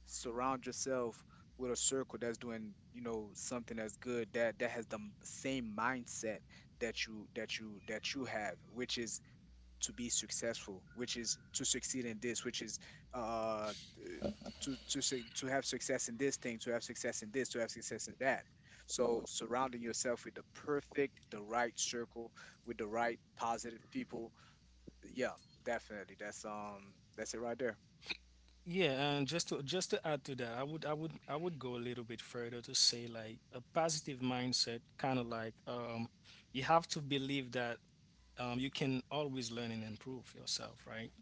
Speaker 3: surround yourself with a circle that's doing, you know, something that's good, that that has the same mindset that you have, which is to be successful, which is to succeed in this, which is uh to have success in this thing, to have success in this, to have success in that. So surrounding yourself with the perfect, the right circle, with the right positive people. Yeah, definitely, that's it right there.
Speaker 2: Yeah, and just to add to that, I would go a little bit further to say like a positive mindset, kind of like you have to believe that you can always learn and improve yourself, right?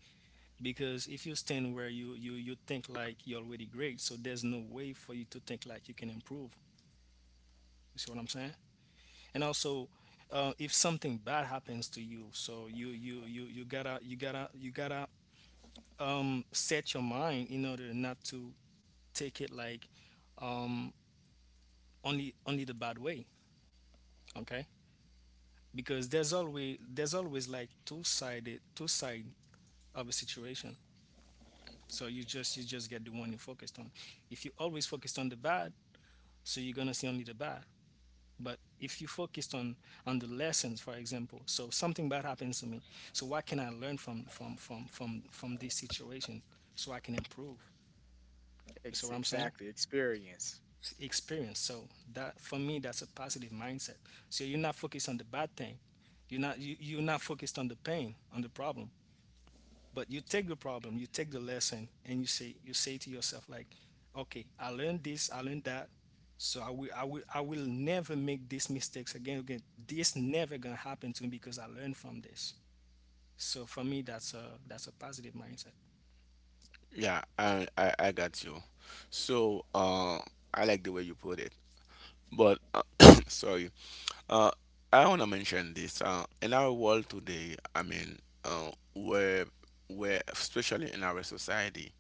Speaker 2: Because if you stand where you think like you're already great, so there's no way for you to think like you can improve. You see what I'm saying? And also, if something bad happens to you, so you gotta you gotta you gotta set your mind in order not to take it like um only the bad way, okay? Because there's always like two side of a situation. So you just get the one you focused on. If you always focused on the bad, so you're gonna see only the bad. But if you focused on the lessons, for example, so something bad happens to me, so what can I learn from this situation so I can improve? You see what I'm saying?
Speaker 3: Exactly, experience.
Speaker 2: Experience. So that, for me, that's a positive mindset. So you're not focused on the bad thing. You're not, you, you're not focused on the pain, on the problem, but you take the problem, you take the lesson, and you say, you say to yourself like, okay, I learned this, I learned that, so I will, I will, I will never make these mistakes again. This never gonna happen to me because I learned from this. So for me, that's a positive mindset.
Speaker 1: Yeah, I got you. So, I like the way you put it, but sorry. Uh, I want to mention this. In our world today, I mean, where, especially in our society,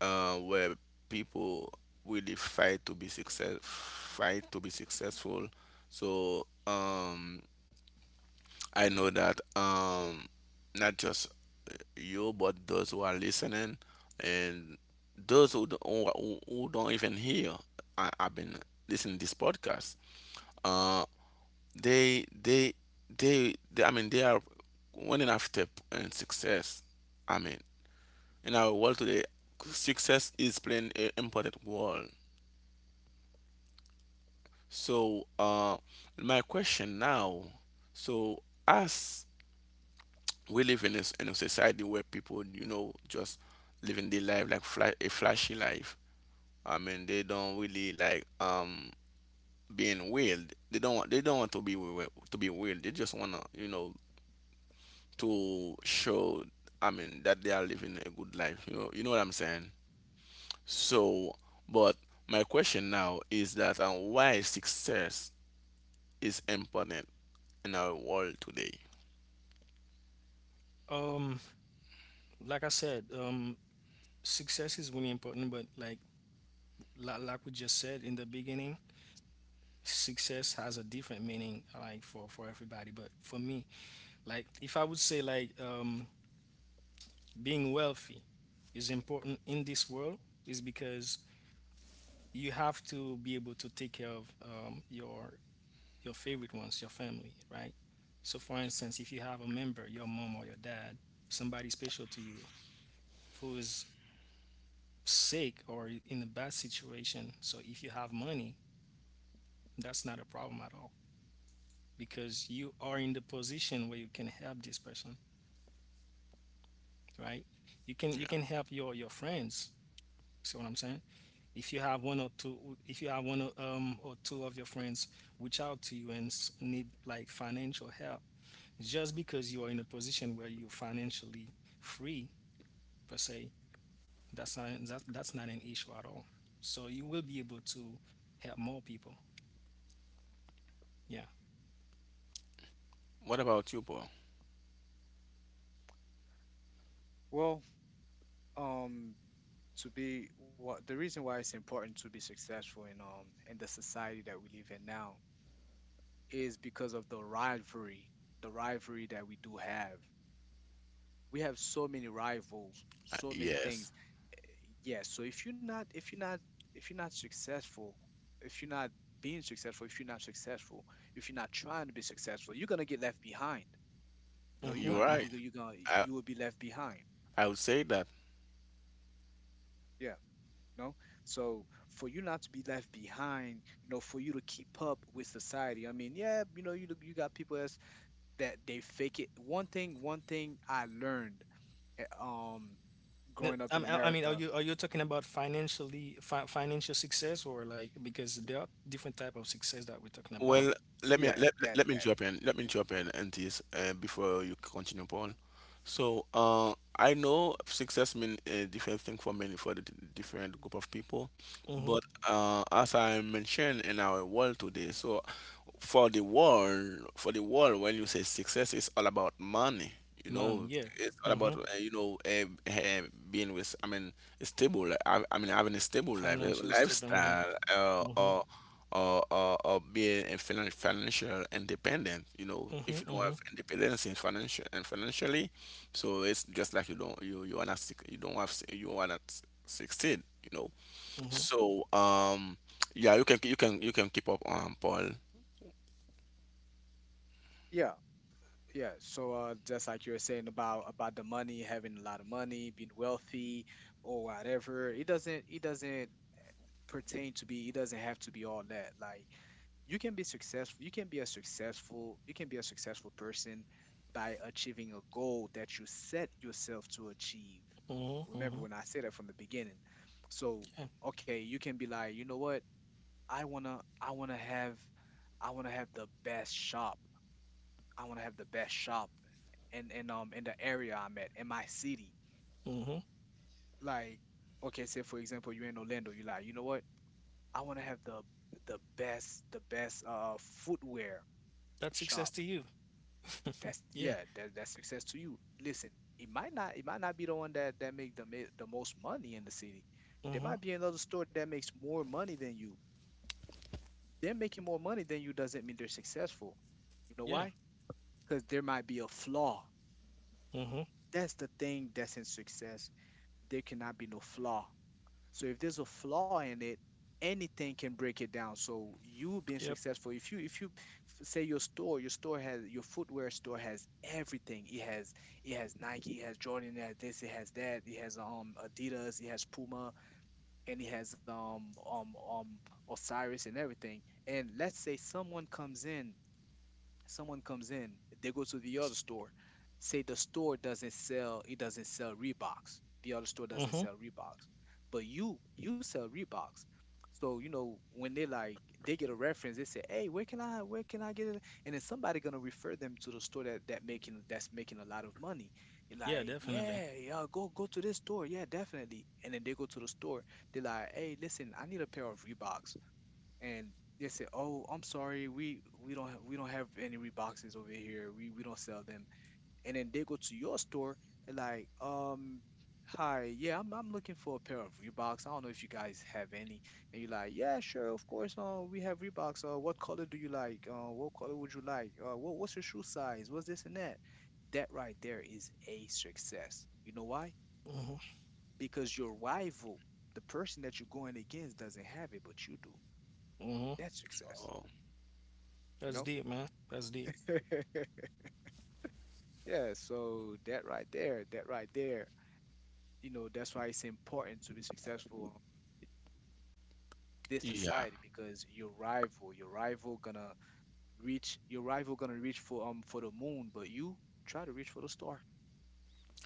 Speaker 1: where people really fight to be success, fight to be successful. So, I know that not just you, but those who are listening, and those who don't even hear, I, I've been listening to this podcast. Uh, they they they, I mean they are winning after and success, I mean, in our world today success is playing an important role. So my question now, so as we live in a, in a society where people you know just living their life like, a flashy life, I mean they don't really like being weird, they don't want, to be weird, they just want to you know to show, I mean, that they are living a good life, you know, you know what I'm saying? So, but my question now is that why success is important in our world today?
Speaker 2: um like I said, success is really important, but like, like we just said in the beginning, success has a different meaning, like, for everybody. But for me, like, if I would say like, being wealthy is important in this world, is because you have to be able to take care of your favorite ones, your family, right? So, for instance, if you have a member, your mom or your dad, somebody special to you who is sick or in a bad situation, so if you have money, that's not a problem at all, because you are in the position where you can help this person, right? You can you
Speaker 1: Yeah,
Speaker 2: can help your friends. See what I'm saying? If you have one or two, if you have one or two of your friends reach out to you and need like financial help, just because you are in a position where you're financially free, per se, that's not that, that's not an issue at all. So you will be able to help more people. Yeah.
Speaker 1: what about you, Paul?
Speaker 3: Well. um to be, what the reason why it's important to be successful in the society that we live in now is because of the rivalry, the rivalry that we do have. We have so many rivals, so many
Speaker 1: Yes,
Speaker 3: things. Yes, so if you're not if you're not if you're not successful, if you're not being successful, if you're not successful, if you're not trying to be successful, you're gonna get left behind. You know, you're
Speaker 2: Mm-hmm,
Speaker 1: you're
Speaker 3: gonna be,
Speaker 2: mm-hmm.
Speaker 1: right,
Speaker 3: you
Speaker 1: i
Speaker 3: you will be left behind.
Speaker 1: I would say that,
Speaker 3: Yeah, you know. So, for you not to be left behind, you know, for you to keep up with society, I mean, yeah, you know, you look, you got people that's, that they fake it. One thing, one thing I learned, eh, um growing up in
Speaker 2: I mean, are
Speaker 3: America.
Speaker 2: you talking about financially, fi financial success, or like, because there are different type of success that we're talking about?
Speaker 1: well, let me
Speaker 3: Yeah,
Speaker 1: let, let
Speaker 3: that
Speaker 1: let me
Speaker 3: that
Speaker 1: jump in. Let me
Speaker 3: Mhm.
Speaker 1: jump in and this before you continue, Paul. So I know success means a different thing for many for the different group of people,
Speaker 2: Mm-hmm.
Speaker 1: but as I mentioned in our world today, so for the world when you say success it's all about money, you
Speaker 2: Man,
Speaker 1: know,
Speaker 2: yeah.
Speaker 1: it's all
Speaker 2: Mm-hmm.
Speaker 1: about being with, I mean, a stable li- I mean having a stable life
Speaker 2: Financial stable.
Speaker 1: lifestyle,
Speaker 2: Mm-hmm.
Speaker 1: or or being a financial independent, you know. If you
Speaker 2: Mm-hmm.
Speaker 1: don't
Speaker 2: Mm-hmm.
Speaker 1: have independence in financial and financially, so it's just like you don't, you are not you don't have you are not succeed, you know.
Speaker 2: Mm-hmm.
Speaker 1: So yeah, you can you can keep up, Paul.
Speaker 3: Yeah, yeah. So, uh, just like you were saying about, the money, having a lot of money, being wealthy or whatever, it doesn't, it doesn't pertain to be, it doesn't have to be all that. Like, you can be successful, you can be a successful, you can be a successful person by achieving a goal that you set yourself to achieve.
Speaker 2: Mm-hmm. Mm-hmm.
Speaker 3: Remember
Speaker 2: Mm-hmm.
Speaker 3: when I said that from the beginning? So,
Speaker 2: Yeah.
Speaker 3: okay, you can be like, you know what, i want to i want to have I want to have the best shop. I want to have the best shop And in the area I'm at, in my city.
Speaker 2: Mm-hmm.
Speaker 3: Like, okay, say for example, you're in Orlando, you're like, you know what, I want to have the best, the best footwear
Speaker 2: That's
Speaker 3: shop.
Speaker 2: success to you.
Speaker 3: That's,
Speaker 2: yeah.
Speaker 3: yeah, that's success to you. Listen, it might not, it might not be the one that that make the the most money in the city. There
Speaker 2: Mm-hmm.
Speaker 3: might be another store that makes more money than you. Them making more money than you doesn't mean they're successful. You know
Speaker 2: Yeah.
Speaker 3: why? Because there might be a flaw.
Speaker 2: Mm-hmm.
Speaker 3: That's the thing that's in success. There cannot be no flaw. So if there's a flaw in it, anything can break it down. So you being
Speaker 2: Yep.
Speaker 3: successful, if say your store has, your footwear store has everything. It has, it has Nike, it has Jordan, it has this, it has that, it has Adidas, it has Puma, and it has Osiris and everything. And let's say someone comes in, someone comes in, they go to the other store, say the store doesn't sell, it doesn't sell Reeboks. The other store doesn't
Speaker 2: Mm-hmm.
Speaker 3: sell Reeboks, but you sell Reeboks. So, you know, when they like, they get a reference, they say, "Hey, where can I, where can I get it?" And then somebody gonna refer them to the store that that making, that's making a lot of money. You're
Speaker 2: Yeah,
Speaker 3: like,
Speaker 2: definitely.
Speaker 3: "Yeah, yeah, go go to this store, yeah, definitely." And then they go to the store. They're like, "Hey, listen, I need a pair of Reeboks." And they said, "Oh, I'm sorry, we don't have, we don't have any Reeboks over here. We don't sell them." And then they go to your store and like, hi, yeah, I'm looking for a pair of Reeboks. I don't know if you guys have any. And you're like, yeah, sure, of course. We have Reeboks. What color do you like? What color would you like? What what's your shoe size? What's this and that? That right there is a success. You know why?
Speaker 2: Mm-hmm.
Speaker 3: Because your rival, the person that you're going against, doesn't have it, but you do.
Speaker 2: Mm-hmm.
Speaker 3: That's success.
Speaker 1: Um,
Speaker 3: You
Speaker 2: That's
Speaker 3: know.
Speaker 2: deep, man. That's deep.
Speaker 3: Yeah, so that right there, that right there, you know, that's why it's important to be successful in this
Speaker 1: Yeah,
Speaker 3: society. Because your rival gonna reach, your rival gonna reach for the moon, but you try to reach for the star.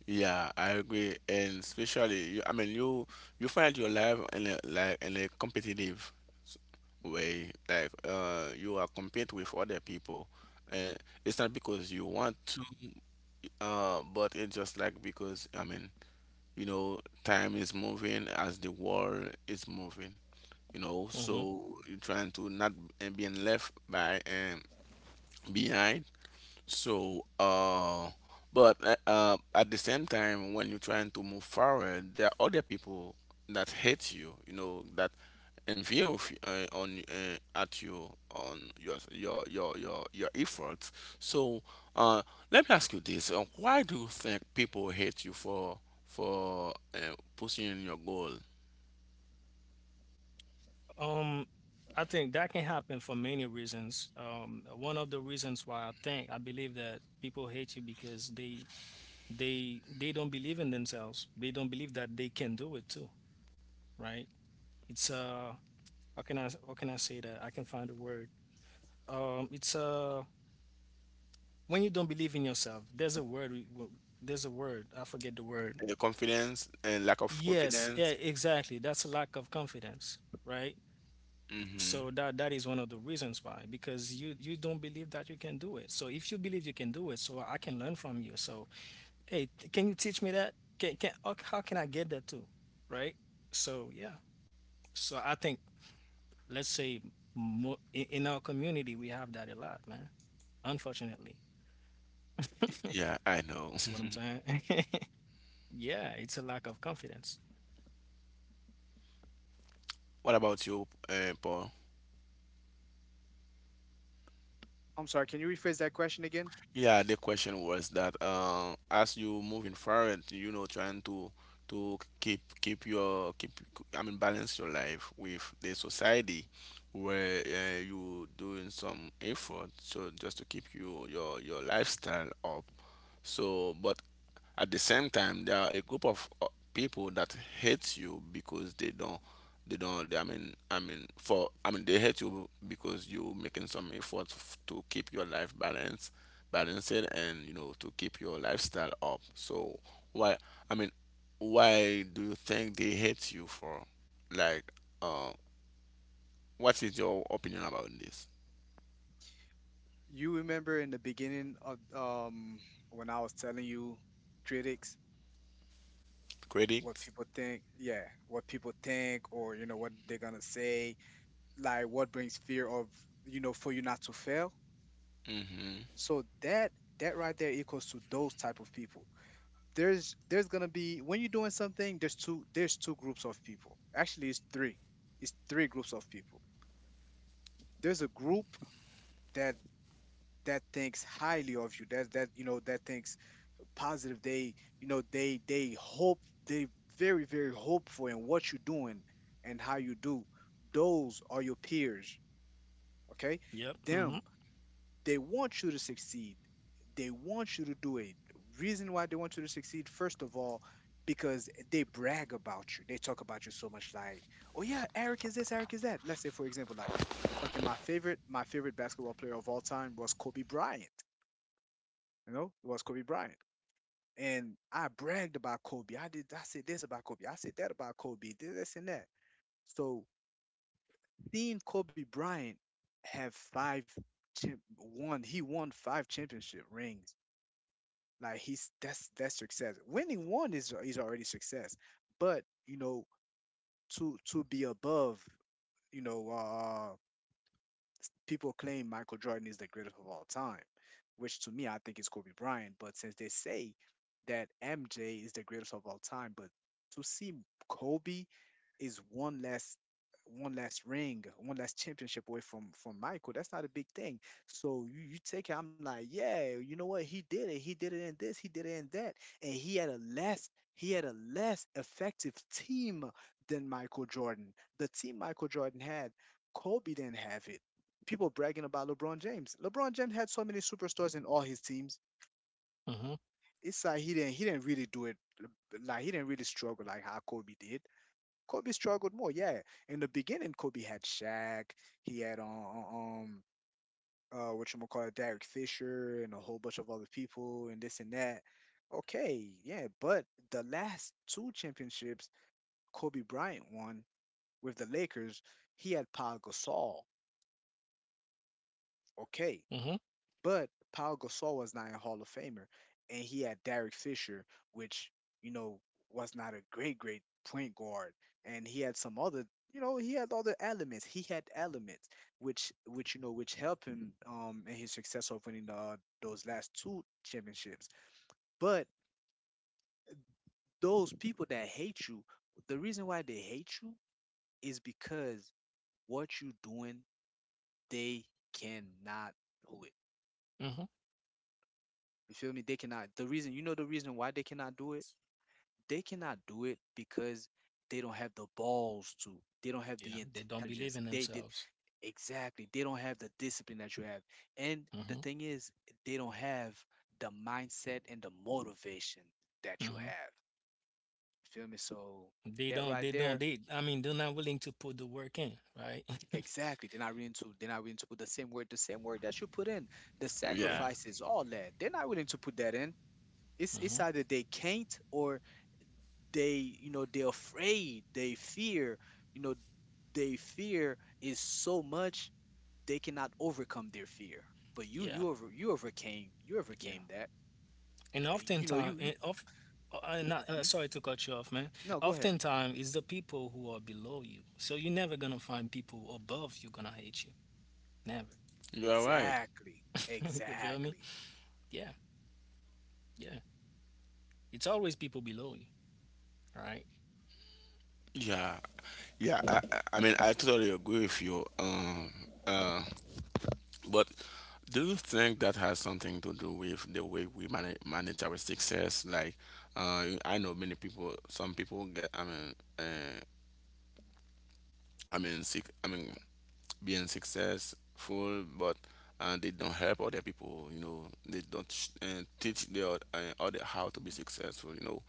Speaker 1: yeah, I agree, and especially you, I mean, you find your life in a, like, in a competitive s- way, like you are compete with other people, and it's not because you want to, but it's just like because, I mean, you know, time is moving as the world is moving, you know,
Speaker 2: Mm-hmm.
Speaker 1: so you're trying to not and being left by behind. So, but at the same time, when you're trying to move forward, there are other people that hate you, you know, that envy of, on at you on your efforts. So, uh, let me ask you this: Why do you think people hate you for pursuing your goal?
Speaker 2: Um, I think that can happen for many reasons. One of the reasons why I believe that people hate you because they don't believe in themselves. They don't believe that they can do it too, right? It's How can I say that? I can find a word. It's When you don't believe in yourself. There's a word. There's a word. I forget the word.
Speaker 1: Confidence and lack of
Speaker 2: Yes, yeah,
Speaker 1: confidence.
Speaker 2: exactly. That's a lack of confidence, right?
Speaker 1: Hmm.
Speaker 2: So that is one of the reasons why, because you don't believe that you can do it. So if you believe you can do it, so I can learn from you. So hey, can you teach me that? Can How can I get that too? Right? So yeah. So I think, let's say, in our community, we have that a lot, man, unfortunately.
Speaker 1: Yeah,
Speaker 2: You
Speaker 1: I know.
Speaker 2: see what I'm saying? Yeah, it's a lack of confidence.
Speaker 1: What about you, Paul?
Speaker 3: I'm sorry, can you rephrase that question again?
Speaker 1: Yeah, the question was that, as you moving forward, you know, trying to keep keep your keep, I mean, balance your life with the society where you doing some effort so just to keep you your lifestyle up. So, but at the same time, there are a group of people that hate you because they don't, they don't. They, I mean, they hate you because you making some efforts to keep your life balanced, balanced, and you know, to keep your lifestyle up. So why? I mean, why do you think they hate you for? Like, uh, what is your opinion about this?
Speaker 3: You remember in the beginning of when I was telling you, critics, what
Speaker 1: Critics?
Speaker 3: people think, yeah, what people think, or you know, what they're gonna say, like what brings fear of, you know, for you not to fail? So that, that right there equals to those type of people. There's gonna be when you're doing something, there's two, there's two groups of people. Actually it's three. It's three groups of people. There's a group that, that thinks highly of you, that that, you know, that thinks positive. They, you know, they hope, they very, very hopeful in what you're doing and how you do. Those are your peers. Okay?
Speaker 2: Yep.
Speaker 3: Them.
Speaker 2: Mm-hmm.
Speaker 3: They want you to succeed. They want you to do it. Reason why they want you to succeed, first of all, because they brag about you. They talk about you so much, like, oh yeah, Eric is this, Eric is that. Let's say for example, like, okay, my favorite basketball player of all time was Kobe Bryant. You know, it was Kobe Bryant. And I bragged about Kobe. I said this about Kobe. I said that about Kobe. This and that. So seeing Kobe Bryant have five won five championship rings. Like he's that's success. Winning one is already success. But you know, to be above, you know, people claim Michael Jordan is the greatest of all time, which to me I think is Kobe Bryant. But since they say that MJ is the greatest of all time, but to see Kobe is one last ring, one last championship away from Michael. That's not a big thing. So you take it. I'm like, yeah, you know what? He did it. He did it in this. He did it in that. And he had a less effective team than Michael Jordan. The team Michael Jordan had, Kobe didn't have it. People bragging about LeBron James. LeBron James had so many superstars in all his teams.
Speaker 2: Mm-hmm.
Speaker 3: It's like he didn't really do it, like he didn't really struggle like how Kobe did. Kobe struggled more. Yeah, in the beginning, Kobe had Shaq. He had um what you call it, Derek Fisher, and a whole bunch of other people, and this and that. Okay, yeah, but the last two championships Kobe Bryant won with the Lakers, he had Paul Gasol. Okay.
Speaker 2: Mm-hmm.
Speaker 3: But Paul Gasol was not a Hall of Famer, and he had Derek Fisher, which, you know, was not a great point guard, and he had some other. You know, he had other elements. He had elements which, you know, which helped him in his success of winning those last two championships. But those people that hate you, the reason why they hate you is because what you doing, they cannot do it.
Speaker 2: Mm-hmm.
Speaker 3: You feel me? They cannot. The reason, you know, the reason why they cannot do it, because they don't have the balls to. They don't have
Speaker 2: Yeah,
Speaker 3: the
Speaker 2: they don't believe
Speaker 3: intelligence.
Speaker 2: in
Speaker 3: They did
Speaker 2: themselves.
Speaker 3: exactly. They don't have the discipline that you have. And the
Speaker 2: Mm-hmm.
Speaker 3: thing is, they don't have the mindset and the motivation that you
Speaker 2: Mm-hmm.
Speaker 3: have. Feel me? So
Speaker 2: they
Speaker 3: that
Speaker 2: don't they
Speaker 3: right
Speaker 2: don't
Speaker 3: there,
Speaker 2: they I mean, they're not willing to put the work in, right?
Speaker 3: exactly. They're not willing to. They're not willing to put the same word that you put in, the
Speaker 1: Yeah.
Speaker 2: Yeah.
Speaker 3: sacrifices, all that. They're not willing to put that in. It's
Speaker 2: Mm-hmm.
Speaker 3: either they can't or they, you know, they're afraid, they fear, you know, they fear is so much they cannot overcome their fear. But you
Speaker 2: Yeah.
Speaker 3: you over you overcame, you
Speaker 2: Yeah.
Speaker 3: overcame that.
Speaker 2: And
Speaker 3: You know,
Speaker 2: oftentimes,
Speaker 3: you
Speaker 2: and
Speaker 3: you
Speaker 2: of, not,
Speaker 3: Mhm.
Speaker 2: sorry to cut you off, man.
Speaker 3: No, go ahead.
Speaker 2: Oftentimes, it's the people who are below you. So you're never gonna find people above you gonna hate you. Never.
Speaker 1: You are right.
Speaker 3: exactly
Speaker 2: You feel me?
Speaker 3: exactly
Speaker 2: Yeah, yeah. It's always people below you, right?
Speaker 1: Yeah, yeah. I mean, I totally agree with you. Uh, but do you think that has something to do with the way we manage our success? Like, I know many people. Some people get. Uh, I mean, sick, I mean, being successful, but they don't help other people. You know, they don't teach the other how to be successful. You know,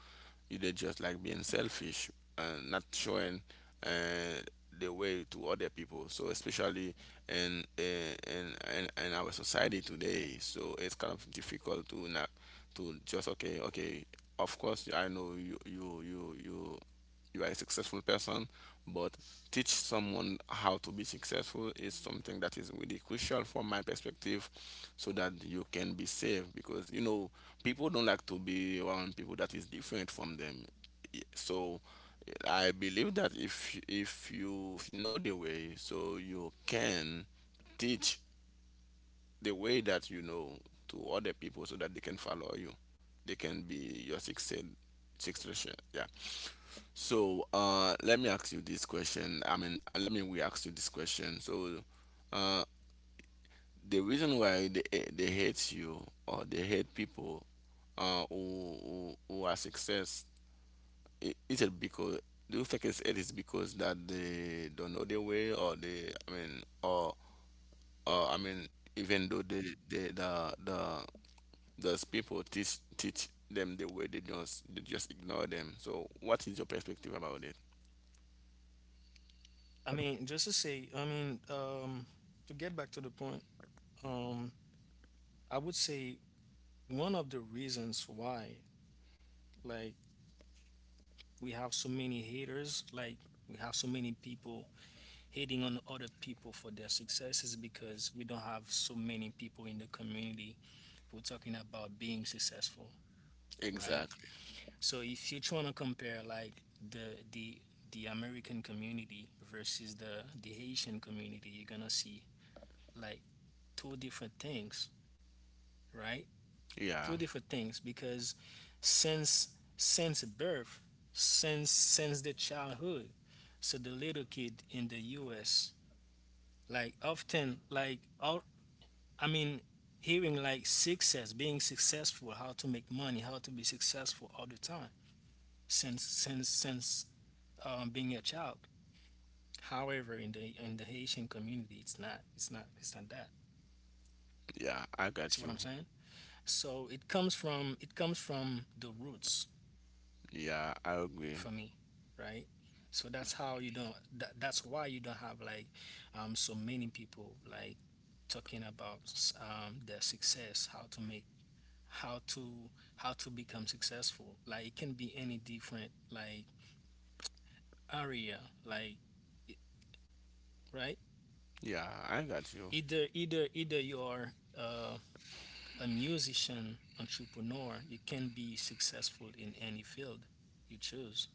Speaker 1: you- they just like being selfish and not showing, uh, the way to other people. So especially in in our society today, so it's kind of difficult to not to just okay, okay. Of course, I know you are a successful person, but teach someone how to be successful is something that is really crucial from my perspective, so that you can be safe because you know people don't like to be around people that is different from them. So I believe that if you know the way, so you can teach the way that you know to other people so that they can follow you, they can be your success, success. Yeah. So let me ask you this question. I mean, let me we ask you this question. So, uh, the reason why they, they hate you, or they hate people who who are success, is it because, do you think it's, it is because that they don't know their way, or they, I mean, or, I mean, even though they the those people teach them the way, they just ignore them. So what is your perspective about it?
Speaker 2: I mean, just to say, I mean, to get back to the point, um, I would say one of the reasons why, like, we have so many haters, like, we have so many people hating on other people for their successes, because we don't have so many people in the community who are talking about being successful, right?
Speaker 1: Exactly.
Speaker 2: So if you're trying to compare like the American community versus the Haitian community, you're gonna see like two different things, right?
Speaker 1: Yeah.
Speaker 2: Two different things, because since since birth, since the childhood, so the little kid in the U.S., like, often, like, all, I mean, hearing like success, being successful, how to make money, how to be successful all the time, since being a child. However, in the Haitian community, it's not, it's not that.
Speaker 1: Yeah, I
Speaker 2: You see
Speaker 1: got
Speaker 2: what
Speaker 1: you.
Speaker 2: I'm saying? So it comes from, the roots,
Speaker 1: Yeah, I agree.
Speaker 2: for me, right? So that, that's why you don't have like so many people like talking about their success, how to how to how to become successful, like, it can be any different, like, area, like, right.
Speaker 1: Yeah, I got you.
Speaker 2: Either you're uh, a musician, entrepreneur, you can be successful in any field you choose.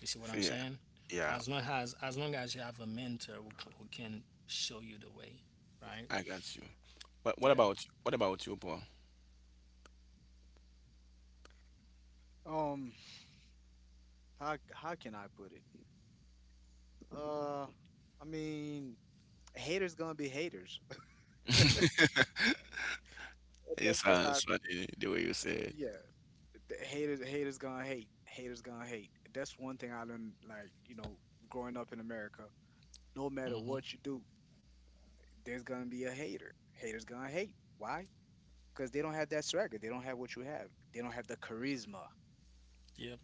Speaker 2: You see what I'm
Speaker 1: Yeah.
Speaker 2: saying?
Speaker 1: Yeah,
Speaker 2: As long as you have a mentor who, who can show you the way, right?
Speaker 1: I got you. What what
Speaker 2: Yeah.
Speaker 1: about what about you, Paul?
Speaker 3: um how can I put it? Uh i mean haters gonna be haters.
Speaker 1: It
Speaker 3: That's how I s-
Speaker 1: sounds funny the way you say it.
Speaker 3: yeah, the haters gonna hate. That's one thing I learned, like, you know, growing up in America, no matter
Speaker 2: Mm-hmm.
Speaker 3: what you do, there's gonna be a hater. Haters gonna hate. Why? Because they don't have that swagger. They don't have what you have. They don't have the charisma.
Speaker 2: Yep.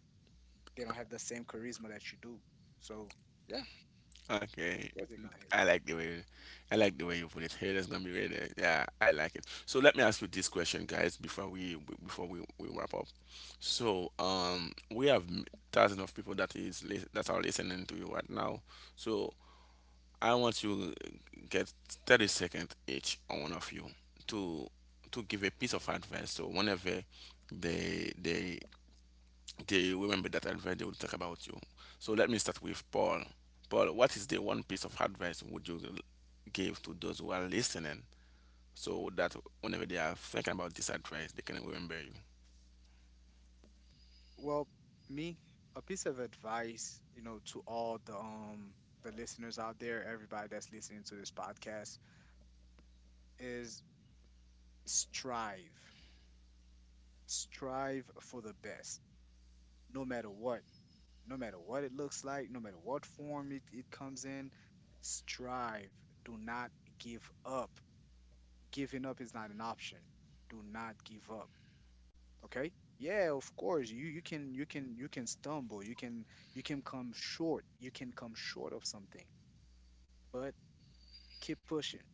Speaker 3: They don't have the same charisma that you do. So yeah,
Speaker 1: Okay,
Speaker 3: of course they're gonna hate.
Speaker 1: I like the way I like the way you put it. Hey, that's gonna be really, yeah, I like it. So let me ask you this question, guys, before we we wrap up. So, we have thousands of people that is that are listening to you right now. So I want you get 30 seconds each on one of you to give a piece of advice. So whenever they they they remember that advice, they will talk about you. So let me start with Paul. Paul, what is the one piece of advice would you give to those who are listening, so that whenever they are thinking about this advice, they can remember you?
Speaker 3: Well, me, a piece of advice, you know, to all the listeners out there, everybody that's listening to this podcast, is strive. Strive for the best. No matter what. No matter what it looks like, no matter what form it comes in, strive. Do not give up. Giving up is not an option. Do not give up. Okay? Yeah, of course. You can stumble. You can come short. You can come short of something. But keep pushing,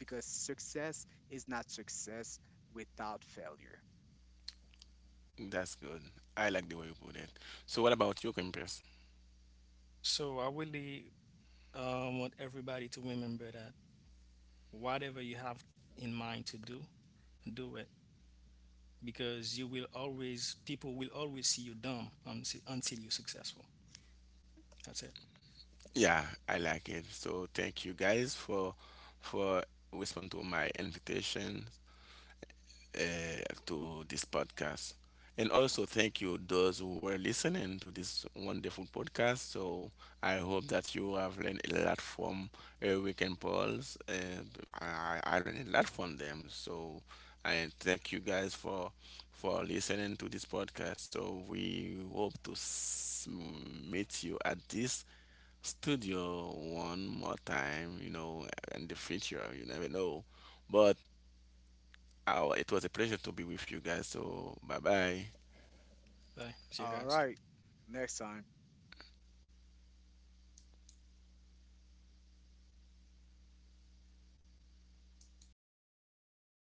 Speaker 3: because success is not success without failure.
Speaker 1: That's good. I like the way you put it. So what about you, Campus?
Speaker 2: So I really want everybody to remember that whatever you have in mind to do, do it, because you will always, people will always see you dumb until you're successful. That's it.
Speaker 1: Yeah, I like it. So thank you guys for responding to my invitation to this podcast. And also thank you those who were listening to this wonderful podcast. So I hope that you have learned a lot from, Weekend Pearls. I learned a lot from them. So I thank you guys for listening to this podcast. So we hope to meet you at this studio one more time, you know, in the future. You never know. But oh, it was a pleasure to be with you guys. So, bye bye.
Speaker 2: Bye. See you
Speaker 3: All
Speaker 2: guys.
Speaker 3: right. Next time.